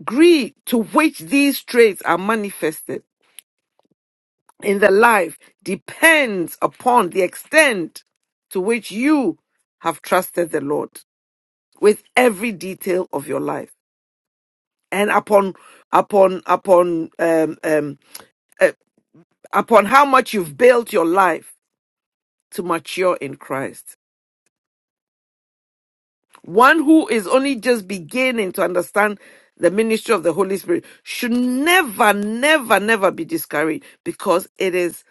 degree to which these traits are manifested in the life depends upon the extent to which you have trusted the Lord with every detail of your life and upon upon upon um, um, uh, upon how much you've built your life to mature in Christ. One who is only just beginning to understand the ministry of the Holy Spirit should never, never, never be discouraged because it is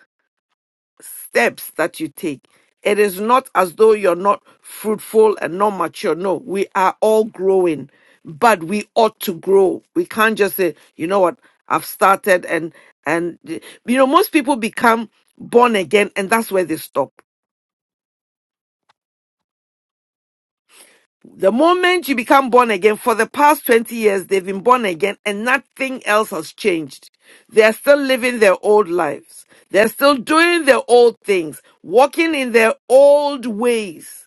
steps that you take. It is not as though you're not fruitful and not mature. No, we are all growing, but we ought to grow. We can't just say, you know what, I've started and, and, you know, most people become born again and that's where they stop The moment you become born again, for the past 20 years, they've been born again and nothing else has changed. They're still living their old lives. They're still doing their old things, walking in their old ways,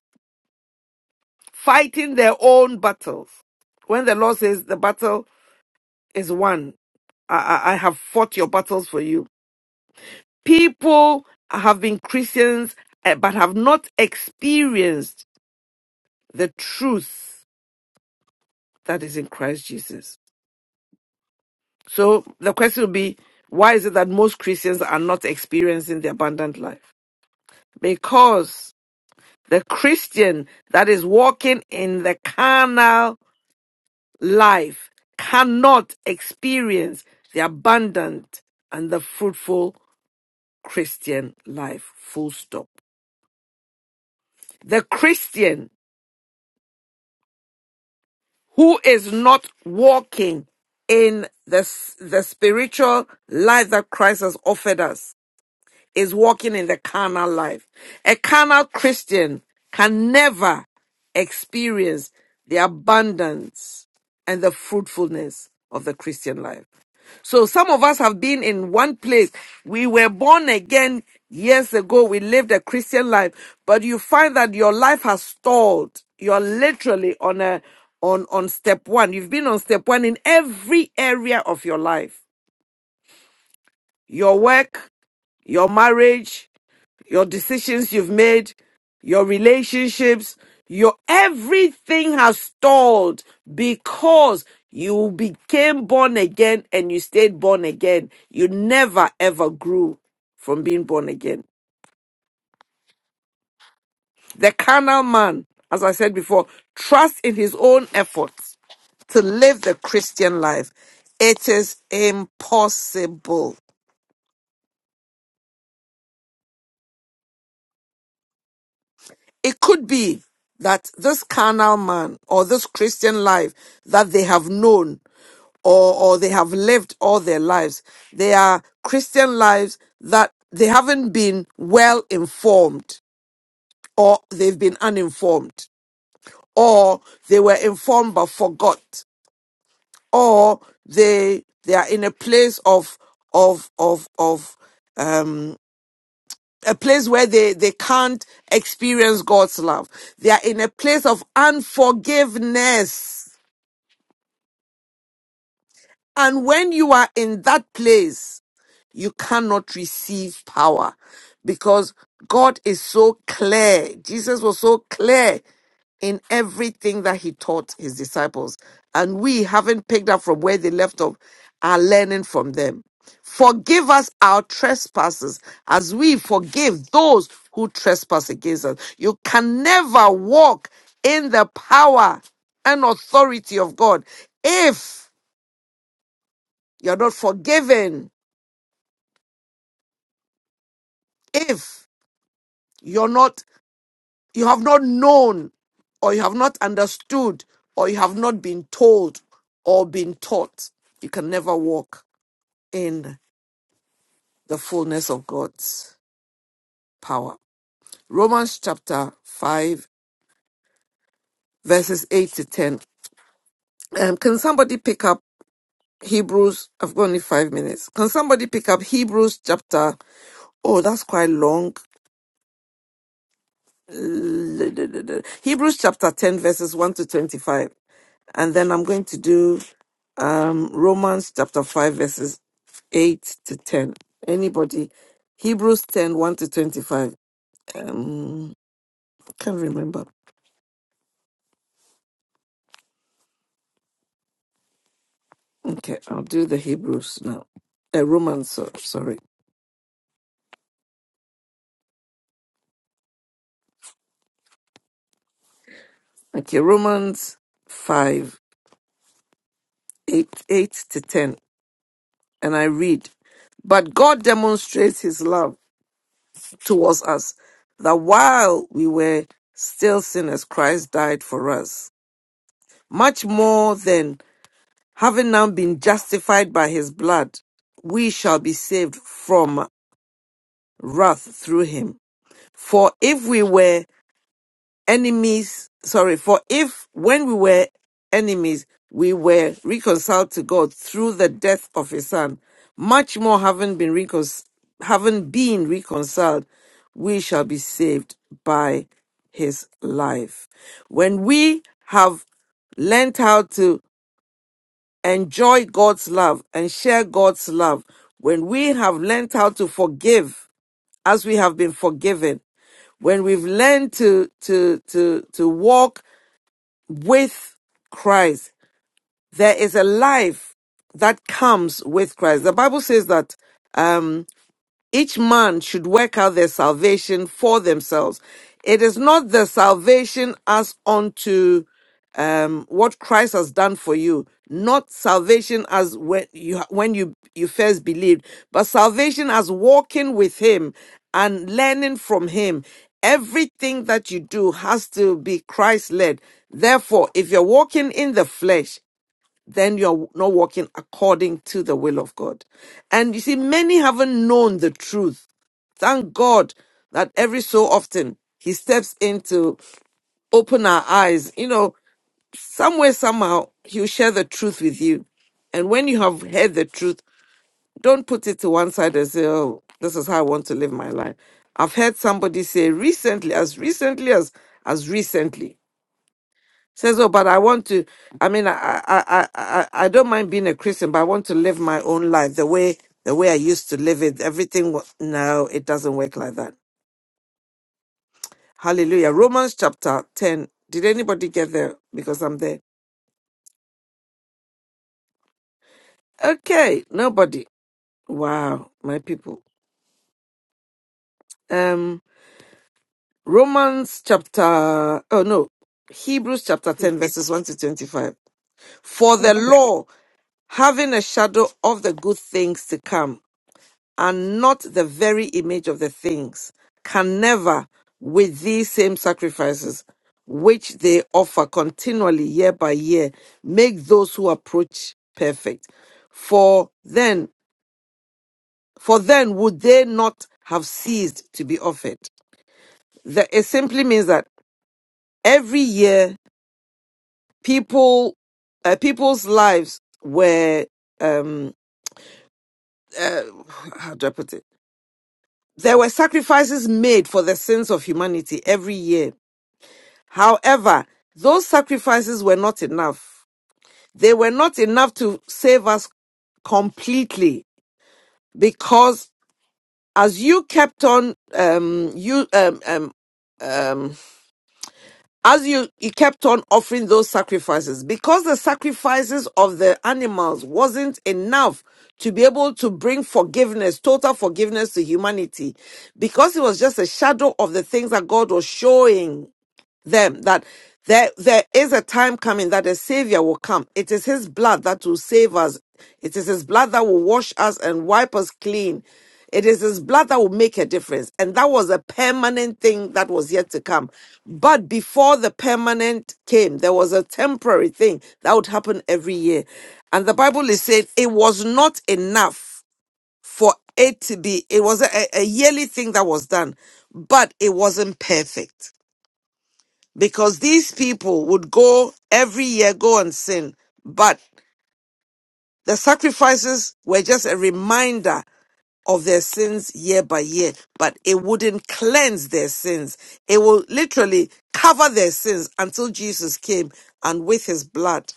fighting their own battles. When the Lord says the battle is won, I, I I have fought your battles for you. People have been Christians eh, but have not experienced the truth that is in Christ Jesus. So the question will be, why is it that most Christians are not experiencing the abundant life? Because the Christian that is walking in the carnal life cannot experience the abundant and the fruitful Christian life. Full stop. The Christian who is not walking in the, s- the spiritual life that Christ has offered us is walking in the carnal life. A carnal Christian can never experience the abundance and the fruitfulness of the Christian life. So some of us have been in one place. We were born again years ago. We lived a Christian life, but you find that your life has stalled. You're literally on a on on step 1. You've been on step 1 in every area of your life. Your work, your marriage, your decisions you've made, your relationships, your everything has stalled because you became born again and you stayed born again. You never ever grew from being born again. The carnal man, as I said before, trusts in his own efforts to live the Christian life. It is impossible. It could be that this carnal man or this Christian life that they have known or, or they have lived all their lives, they are Christian lives that they haven't been well informed or they've been uninformed or they were informed but forgot or they they are in a place of of of of a place where they, they can't experience God's love. They are in a place of unforgiveness. And when you are in that place, you cannot receive power because God is so clear. Jesus was so clear in everything that he taught his disciples. And we, haven't picked up from where they left off, are learning from them. Forgive us our trespasses as we forgive those who trespass against us. You can never walk in the power and authority of God if you're not forgiven if you're not, you have not known or you have not understood or you have not been told or been taught. You can never walk in the fullness of God's power. Romans chapter 5, verses 8 to 10. Um, can somebody pick up Hebrews? I've got only five minutes. Can somebody pick up Hebrews chapter? Oh, that's quite long. Hebrews chapter 10, verses 1 to 25. And then I'm going to do um, Romans chapter 5, verses 8 to 10. Anybody? Hebrews ten one to 25. Um, can't remember. Okay, I'll do the Hebrews now. Uh, Romans, so, sorry. Okay, Romans 5 8 8 to 10. And I read, But God demonstrates his love towards us, that while we were still sinners, Christ died for us. Much more then Having now been justified by his blood, we shall be saved from wrath through him. For if we were enemies, sorry, for if when we were enemies, we were reconciled to God through the death of his son, much more having been reconciled, having been reconciled, we shall be saved by his life. When we have learnt how to enjoy God's love and share God's love, when we have learned how to forgive as we have been forgiven, when we've learned to, to, to, to walk with Christ, there is a life that comes with Christ. The Bible says that um, each man should work out their salvation for themselves. It is not the salvation as unto um, what Christ has done for you, not salvation as when you when you you first believed, but salvation as walking with Him and learning from Him. Everything that you do has to be Christ led. Therefore, if you're walking in the flesh, then you're not walking according to the will of God. And you see, many haven't known the truth. Thank God that every so often He steps in to open our eyes. You know, somewhere, somehow, He'll share the truth with you. And when you have heard the truth, don't put it to one side and say, oh, this is how I want to live my life. I've heard somebody say recently, as recently as as recently, Says, oh, but I want to. I mean, I, I, I, I, I don't mind being a Christian, but I want to live my own life the way the way I used to live it. Everything. wa- No, it doesn't work like that. Hallelujah. Romans chapter ten. Did anybody get there? Because I'm there. Okay, nobody. Wow, my people. Um, Romans chapter. Oh no, Hebrews chapter ten, verses one to twenty-five. For the law, having a shadow of the good things to come and not the very image of the things, can never, with these same sacrifices, which they offer continually year by year, make those who approach perfect. For then, for then would they not have ceased to be offered? That it simply means that every year, people, uh, people's lives were, um, uh, how do I put it? There were sacrifices made for the sins of humanity every year However, those sacrifices were not enough. They were not enough to save us completely because as you kept on, um, you, um, um, um, as you, you kept on offering those sacrifices, because the sacrifices of the animals wasn't enough to be able to bring forgiveness, total forgiveness to humanity, because it was just a shadow of the things that God was showing them that there there is a time coming that a savior will come it is his blood that will save us it is his blood that will wash us and wipe us clean it is his blood that will make a difference and that was a permanent thing that was yet to come but before the permanent came there was a temporary thing that would happen every year and the bible is saying it was not enough for it to be it was a, a yearly thing that was done but it wasn't perfect because these people would go every year, go and sin. But the sacrifices were just a reminder of their sins year by year, but it wouldn't cleanse their sins. It will literally cover their sins until Jesus came and with his blood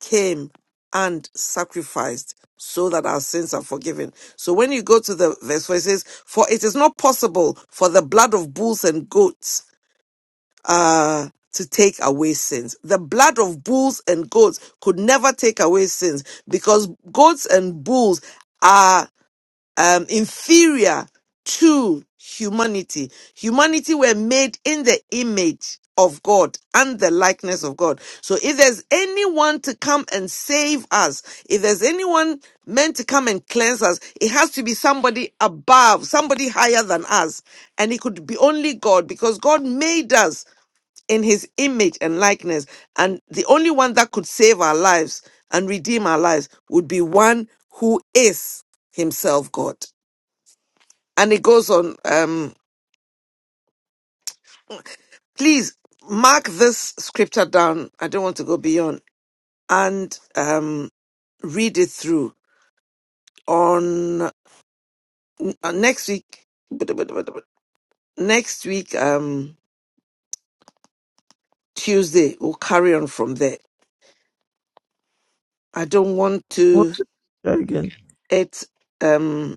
came and sacrificed so that our sins are forgiven. So when you go to the verse where it says, For it is not possible for the blood of bulls and goats uh to take away sins. The blood of bulls and goats could never take away sins because goats and bulls are um, inferior to humanity. Humanity were made in the image of God and the likeness of God. So if there's anyone to come and save us, if there's anyone meant to come and cleanse us, it has to be somebody above, somebody higher than us. And it could be only God because God made us in his image and likeness. And the only one that could save our lives and redeem our lives would be one who is himself God. And it goes on, um, please mark this scripture down. I don't want to go beyond and um, read it through on uh, next week. Next week, um, Tuesday, we'll carry on from there. I don't want What? to, again. it, um,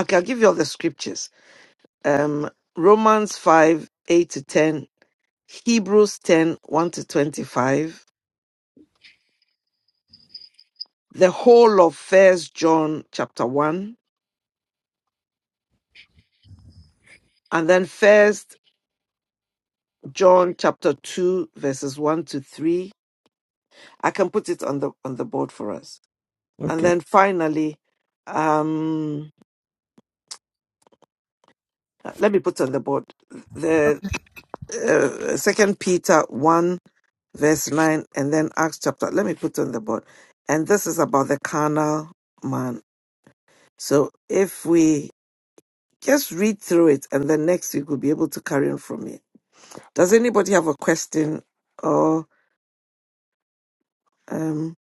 okay, I'll give you all the scriptures um, Romans 5 8 to 10, Hebrews ten one to 25, the whole of First John chapter 1, and then First John chapter 2, verses 1 to 3. I can put it on the on the board for us. And Okay. then finally, um, let me put on the board the uh, second peter 1 verse 9 and then acts chapter let me put on the board and this is about the carnal man So if we just read through it and then next week we'll be able to carry on from it. Does anybody have a question or um,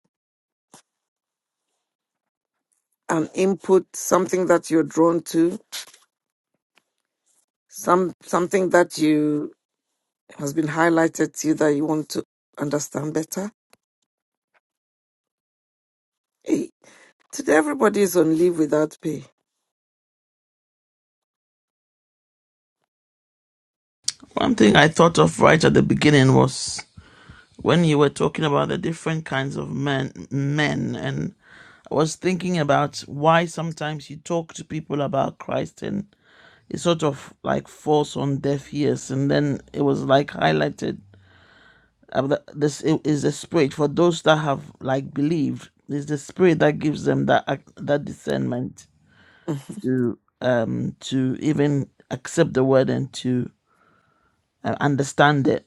an input, something that you're drawn to, some something that you has been highlighted to you that you want to understand better? Hey, today everybody is on leave without pay. One thing I thought of right at the beginning was when you were talking about the different kinds of men, men, and I was thinking about why sometimes you talk to people about Christ and it sort of like falls on deaf ears, and then it was like highlighted Uh, the- this i- is the spirit for those that have like believed. It's the spirit that gives them that ac- that discernment Mhm. to um to even accept the word and to uh, understand it.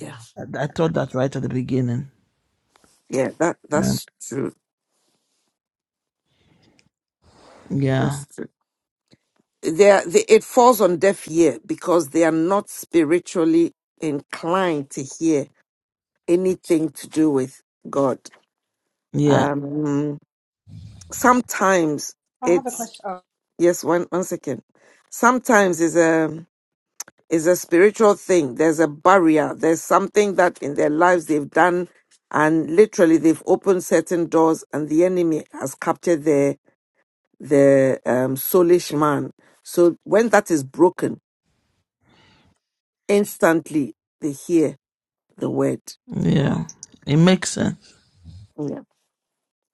Yeah, I, I thought that right at the beginning. yeah, that Yeah. that's true. Yeah. That's true. They, are- they, it falls on deaf ear because they are not spiritually inclined to hear anything to do with God. Yeah. Um, sometimes I have a it's question. oh, yes. One one second. Sometimes it's a it's a spiritual thing. There's a barrier. There's something that in their lives they've done, and literally they've opened certain doors, and the enemy has captured their the um, soulish man. So when that is broken, instantly they hear the word. Yeah. It makes sense. Yeah.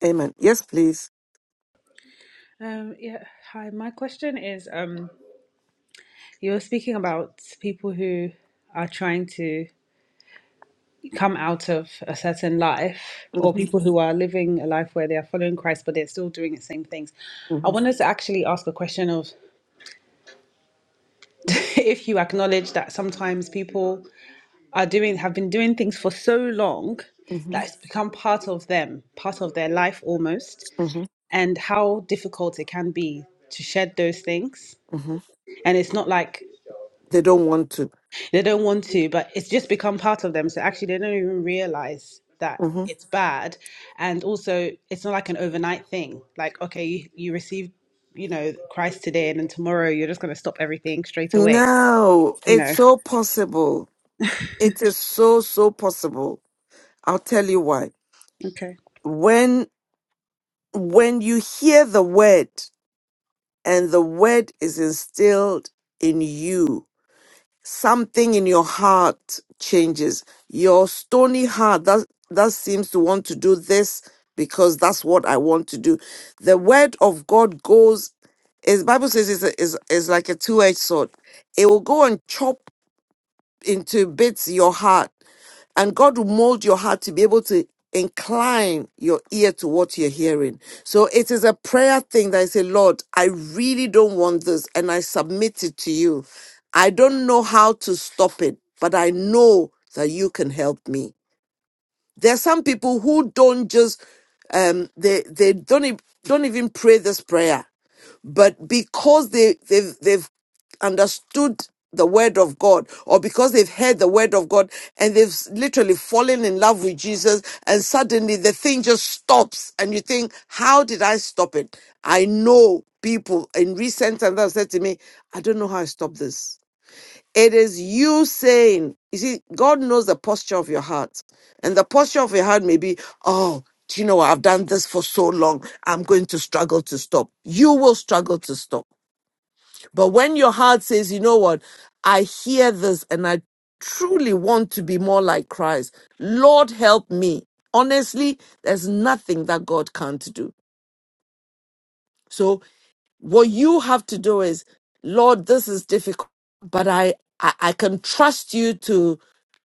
Amen. Yes, please. Um, yeah, hi. My question is, um, you were speaking about people who are trying to come out of a certain life, or hmm people who are living a life where they are following Christ, but they're still doing the same things. I hmm wanted to actually ask a question of if you acknowledge that sometimes people are doing have been doing things for so long that hmm it's become part of them, part of their life almost, and how difficult it can be to shed those things. hmm And it's not like They don't want to. They don't want to, but it's just become part of them. So actually, they don't even realize that hmm it's bad. And also, it's not like an overnight thing. Like, okay, you, you receive, you know, Christ today, and then tomorrow you're just going to stop everything straight away, No, you it's know? so possible. It is so, so possible. I'll tell you why. Okay. When when you hear the word and the word is instilled in you, something in your heart changes. Your stony heart that that seems to want to do this because that's what I want to do. The word of God goes is Bible says is is is like a two edged sword. It will go and chop into bits your heart and God will mold your heart to be able to incline your ear to what you're hearing. So it is a prayer thing that I say, Lord, I really don't want this and I submit it to you. I don't know how to stop it, but I know that you can help me. There are some people who don't just um they they don't e- don't even pray this prayer. But because they, they've, they've understood the word of God or because they've heard the word of God and they've s- literally fallen in love with Jesus and suddenly the thing just stops and you think, how did I stop it? I know people in recent times that have said to me, I don't know how I stopped this. It is you saying, you see, God knows the posture of your heart. And the posture of your heart may be, oh, do you know what? I've done this for so long. I'm going to struggle to stop. You will struggle to stop. But when your heart says, you know what? I hear this and I truly want to be more like Christ. Lord, help me. Honestly, there's nothing that God can't do. So what you have to do is lord this is difficult but I, I i can trust you to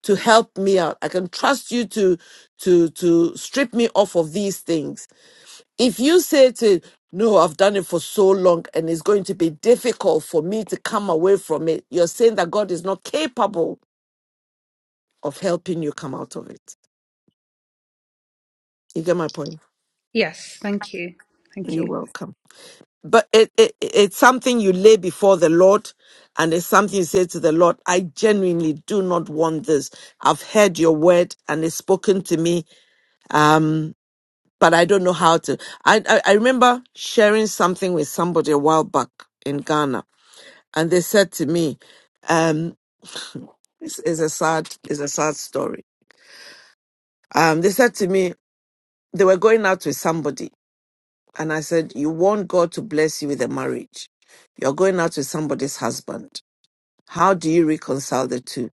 to help me out i can trust you to to to strip me off of these things if you say to no i've done it for so long and it's going to be difficult for me to come away from it you're saying that god is not capable of helping you come out of it you get my point Yes, thank you. Thank you're you. welcome but it, it it's something you lay before the Lord, and it's something you say to the Lord. I genuinely do not want this. I've heard your word, and it's spoken to me. Um, but I don't know how to. I I, I remember sharing something with somebody a while back in Ghana, and they said to me, um, this is a sad is a sad story. Um, they said to me they were going out with somebody, and I said, "You want God to bless you with a marriage? You're going out with somebody's husband." How do you reconcile the two?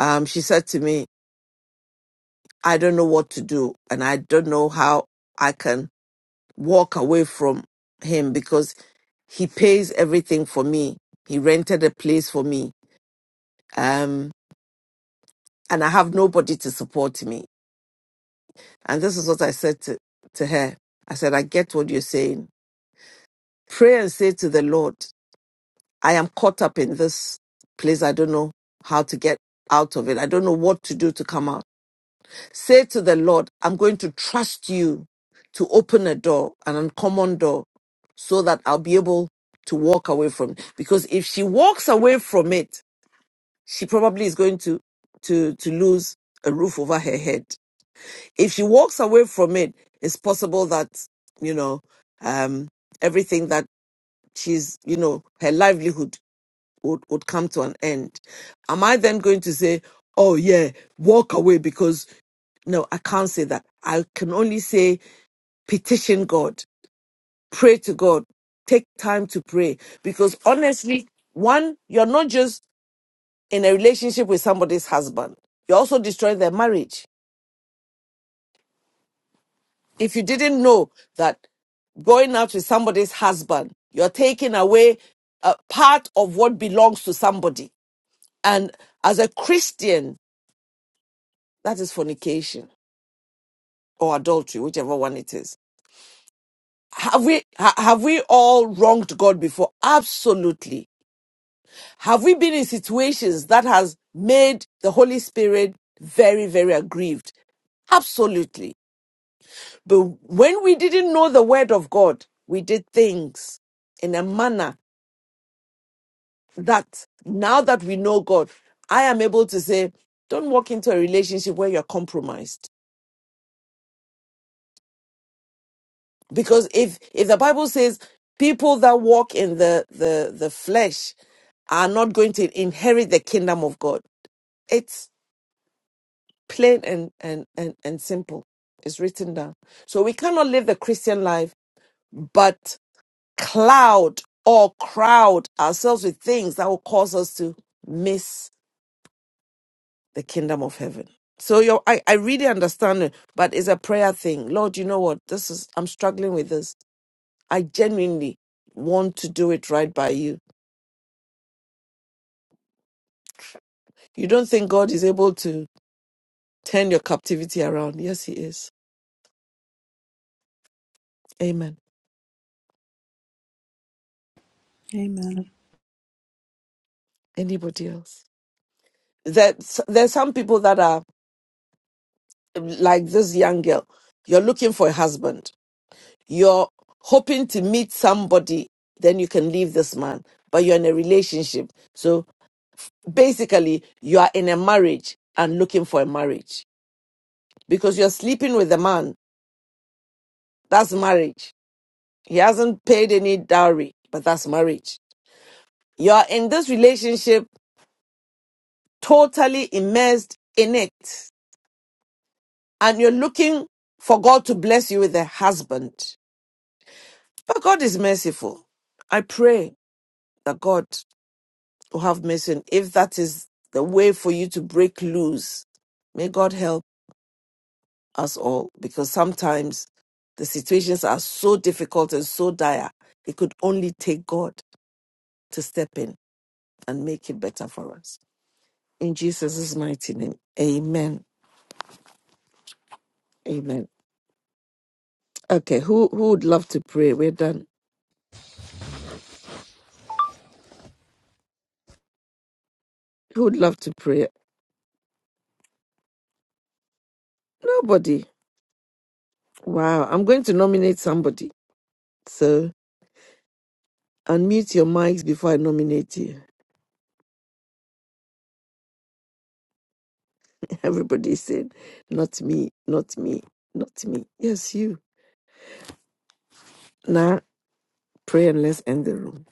Um, she said to me, I don't know what to do and I don't know how I can walk away from him because he pays everything for me. He rented a place for me. Um, and I have nobody to support me. And this is what I said to, to her. I said, I get what you're saying. Pray and say to the Lord, I am caught up in this place. I don't know how to get out of it. I don't know what to do to come out. Say to the Lord, I'm going to trust you to open a door, an uncommon door, so that I'll be able to walk away from it. Because if she walks away from it, she probably is going to, to, to lose a roof over her head. If she walks away from it, it's possible that, you know, um, everything that she's, you know, her livelihood would, would come to an end. Am I then going to say, oh yeah, walk away because no, I can't say that. I can only say petition God, pray to God, take time to pray. Because honestly, one, you're not just in a relationship with somebody's husband, you're also destroying their marriage. If you didn't know that going out with somebody's husband, you're taking away a part of what belongs to somebody. And as a Christian, that is fornication or adultery, whichever one it is. Have we ha- have we all wronged God before? Absolutely. Have we been in situations that has made the Holy Spirit very very aggrieved? Absolutely. But when we didn't know the word of God, we did things in a manner that now that we know God, I am able to say, don't walk into a relationship where you're compromised because if if the bible says people that walk in the the the flesh are not going to inherit the kingdom of god it's plain and and and, and simple it's written down so we cannot live the christian life but cloud or crowd ourselves with things that will cause us to miss the kingdom of heaven so your I, I really understand it but it's a prayer thing lord you know what this is i'm struggling with this I genuinely want to do it right by you. You don't think God is able to turn your captivity around? Yes, He is. Amen. Amen. Anybody else? There's, there's some people that are like this young girl. You're looking for a husband. You're hoping to meet somebody, then you can leave this man. But you're in a relationship. So basically, you are in a marriage and looking for a marriage because you're sleeping with a man. That's marriage He hasn't paid any dowry, but that's marriage. You're in this relationship totally immersed in it, and you're looking for God to bless you with a husband. But God is merciful. I pray that God will have mercy. And if that is the way for you to break loose, may God help us all because sometimes the situations are so difficult and so dire, it could only take God to step in and make it better for us. In Jesus' mighty name. Amen. Amen. Okay, who who would love to pray? We're done. Who would love to pray? Nobody. Wow. I'm going to nominate somebody. So unmute your mics before I nominate you. Everybody said, not me, not me, not me. Yes, you. Now pray and let's end the room.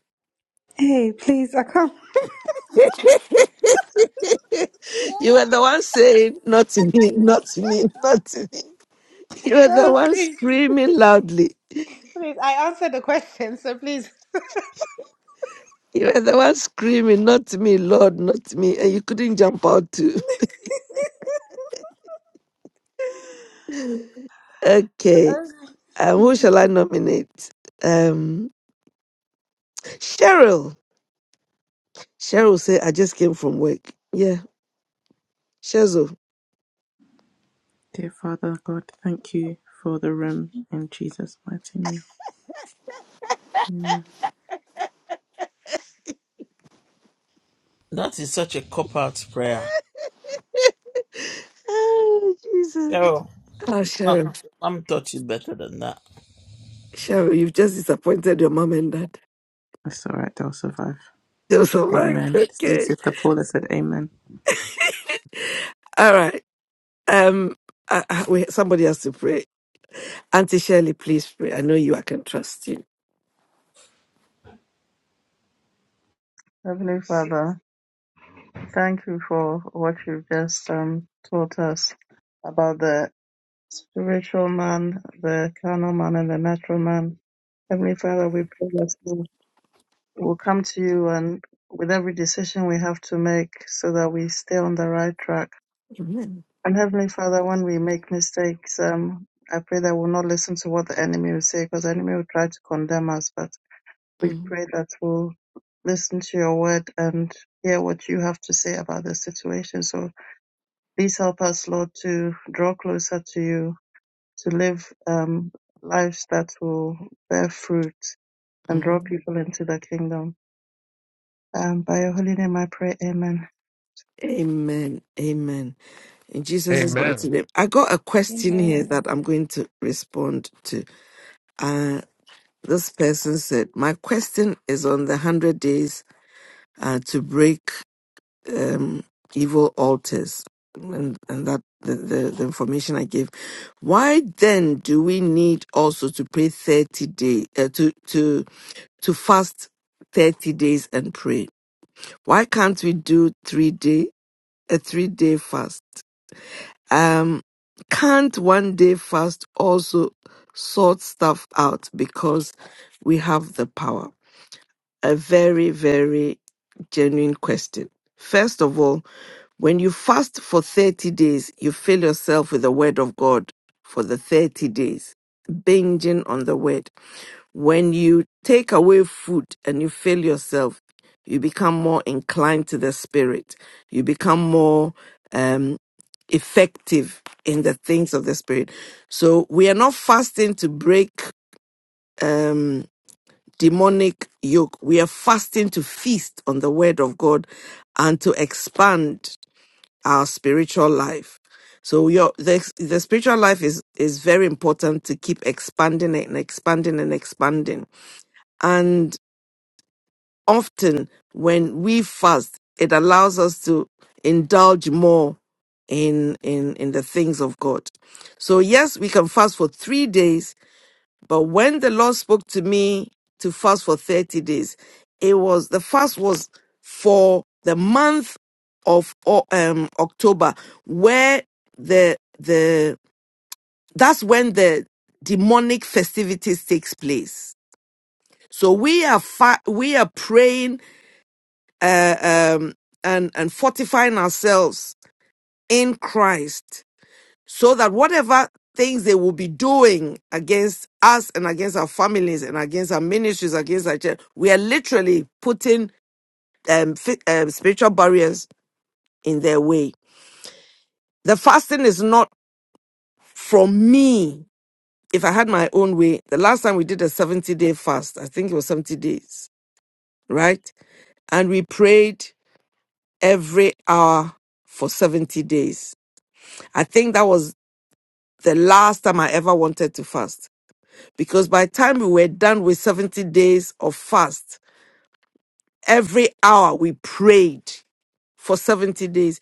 Hey, please, I can't. you were the one saying, not me, not me, not me. You were the Oh, one please, screaming loudly. please. I answered the question, so please. You were the one screaming, not me, Lord, not me. And you couldn't jump out too. Okay. Um, Okay. who shall I nominate? Um, Cheryl. Cheryl said, I just came from work. Yeah, Cheryl. Dear Father God, thank you for the room in Jesus' mighty name. Amen. That is such a cop out prayer. Oh, Jesus. Oh, your Oh, mom Cheryl. mom taught you better than that. Cheryl, you've just disappointed your mom and dad. It's all right, they'll survive. They'll survive. Amen. See, Okay. Sister Paula said amen. All right. Um, I, I, wait, somebody has to pray. Auntie Shirley, please pray. I know you. I can trust you. Heavenly Father, thank you for what you've just um, taught us about the spiritual man, the carnal man, and the natural man. Heavenly Father, we pray that we will come to you and with every decision we have to make so that we stay on the right track. Amen. And Heavenly Father, when we make mistakes, um, I pray that we'll not listen to what the enemy will say because the enemy will try to condemn us. But we Mm, pray that we'll listen to your word and hear what you have to say about the situation. So please help us, Lord, to draw closer to you, to live um, lives that will bear fruit and draw mm. people into the kingdom. Um, by your holy name, I pray, Amen. Amen. Amen. In Jesus' mighty Amen. name. I got a question here Amen. that I'm going to respond to. Uh, this person said, My question is on the 100 days uh, to break um, evil altars. And, and that the, the, the information I gave. Why then do we need also to pray 30 days, uh, to, to, to fast 30 days and pray? Why can't we do three day, a three day fast? Um, can't one day fast also sort stuff out because we have the power? A very, very genuine question. First of all, when you fast for 30 days, you fill yourself with the word of God for the 30 days, binging on the word. When you take away food and you fill yourself, you become more inclined to the spirit. You become more um, effective in the things of the spirit. So we are not fasting to break um, demonic yoke. We are fasting to feast on the word of God and to expand our spiritual life. So your the the spiritual life is is very important to keep expanding it and expanding and expanding. And often when we fast, it allows us to indulge more in in in the things of God. So yes, we can fast for 3 days but when the Lord spoke to me to fast for 30 days, it was the fast was for the month of O- um, October, where the the that's when the demonic festivities takes place. So we are fa- we are praying uh, um, and and fortifying ourselves in Christ so that whatever things they will be doing against us and against our families and against our ministries, against our church, we are literally putting um, fi- um, spiritual barriers in their way. The fasting is not from me. If I had my own way, the last time we did a 70 day fast, I think it was 70 days, right? And we prayed every hour for 70 days. I think that was the last time I ever wanted to fast because by the time we were done with 70 days of fast, every hour we prayed for 70 days.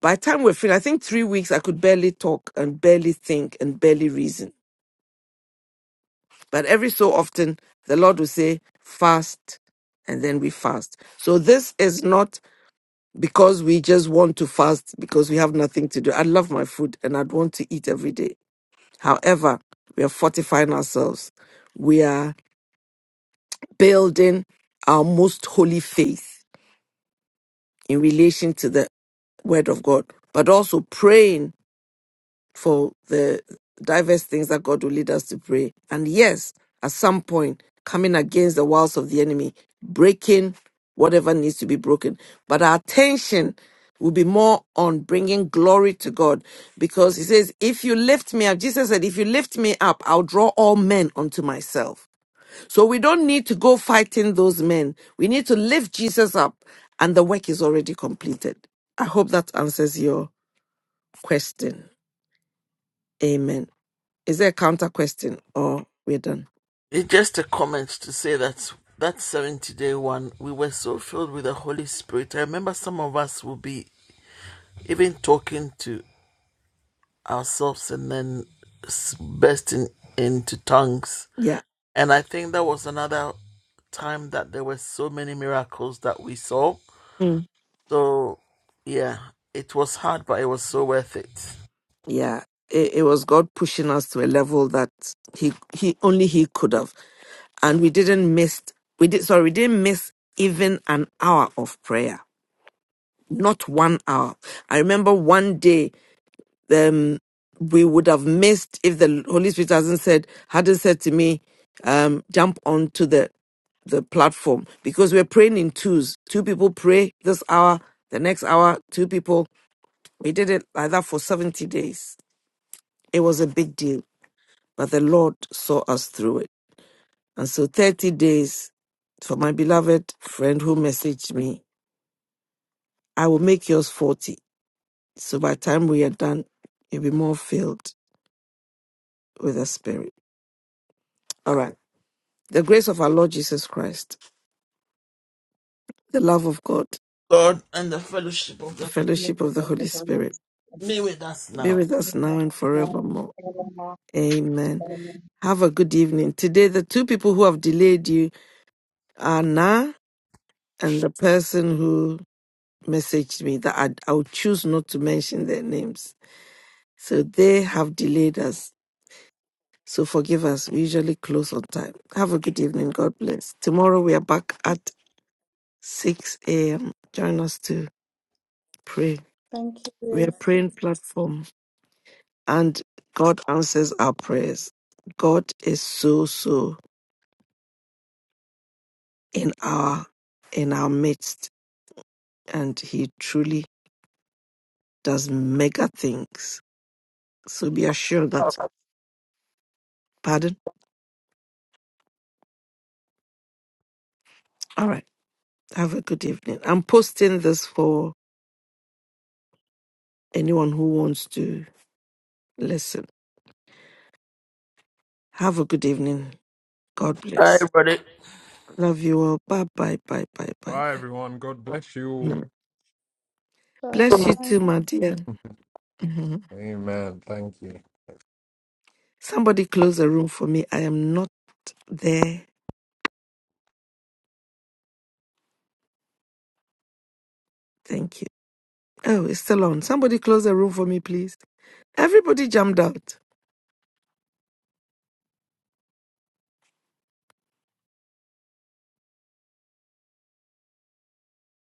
By the time we're finished, I think three weeks, I could barely talk and barely think and barely reason. But every so often, the Lord will say, fast, and then we fast. So this is not because we just want to fast because we have nothing to do. I love my food and I'd want to eat every day. However, we are fortifying ourselves. We are. building our most holy faith in relation to the word of God, but also praying for the diverse things that God will lead us to pray. And yes, at some point, coming against the wiles of the enemy, breaking whatever needs to be broken. But our attention will be more on bringing glory to God because he says, If you lift me up, Jesus said, If you lift me up, I'll draw all men unto myself. So we don't need to go fighting those men. We need to lift Jesus up, and the work is already completed. I hope that answers your question. Amen. Is there a counter question or we're done? It's just a comment to say that that 70 day one, we were so filled with the Holy Spirit. I remember some of us will be even talking to ourselves and then bursting into tongues. Yeah. And I think that was another time that there were so many miracles that we saw. Hmm. So, yeah, it was hard, but it was so worth it. yeah it, it was god pushing us to a level that he he only he could have and we didn't miss we did sorry we didn't miss even an hour of prayer not one hour i remember one day um we would have missed if the holy spirit hasn't said hadn't said to me um jump onto the the platform because we're praying in twos two people pray this hour the next hour two people we did it like that for 70 days it was a big deal but the Lord saw us through it. And so 30 days for my beloved friend who messaged me, I will make yours 40. So by the time we are done, you'll be more filled with the Spirit. All right. The grace of our Lord Jesus Christ, the love of God, God and the fellowship of the the Holy Spirit fellowship of the Holy Spirit be with us be now. with us now and forevermore. Amen. Have a good evening. Today, the two people who have delayed you are Na and the person who messaged me that I'd, I would choose not to mention their names. So they have delayed us. So forgive us. We usually close on time. Have a good evening. God bless. Tomorrow we are back at 6 a.m. Join us to pray. Thank We you. are praying platform and God answers our prayers. God is so, so in our, in our midst and he truly does mega things. So be assured that, pardon? All right. Have a good evening. I'm posting this for anyone who wants to listen. Have a good evening. God Hi, bless. everybody. Love you all. Bye bye bye bye bye Bye, bye. everyone. God bless you. Mhm. Bless you Sorry. too, my dear. Mhm. Amen. Thank you. Somebody close the room for me. I am not there. Thank you. Oh, it's still on. Somebody close the room for me, please. Everybody jumped out.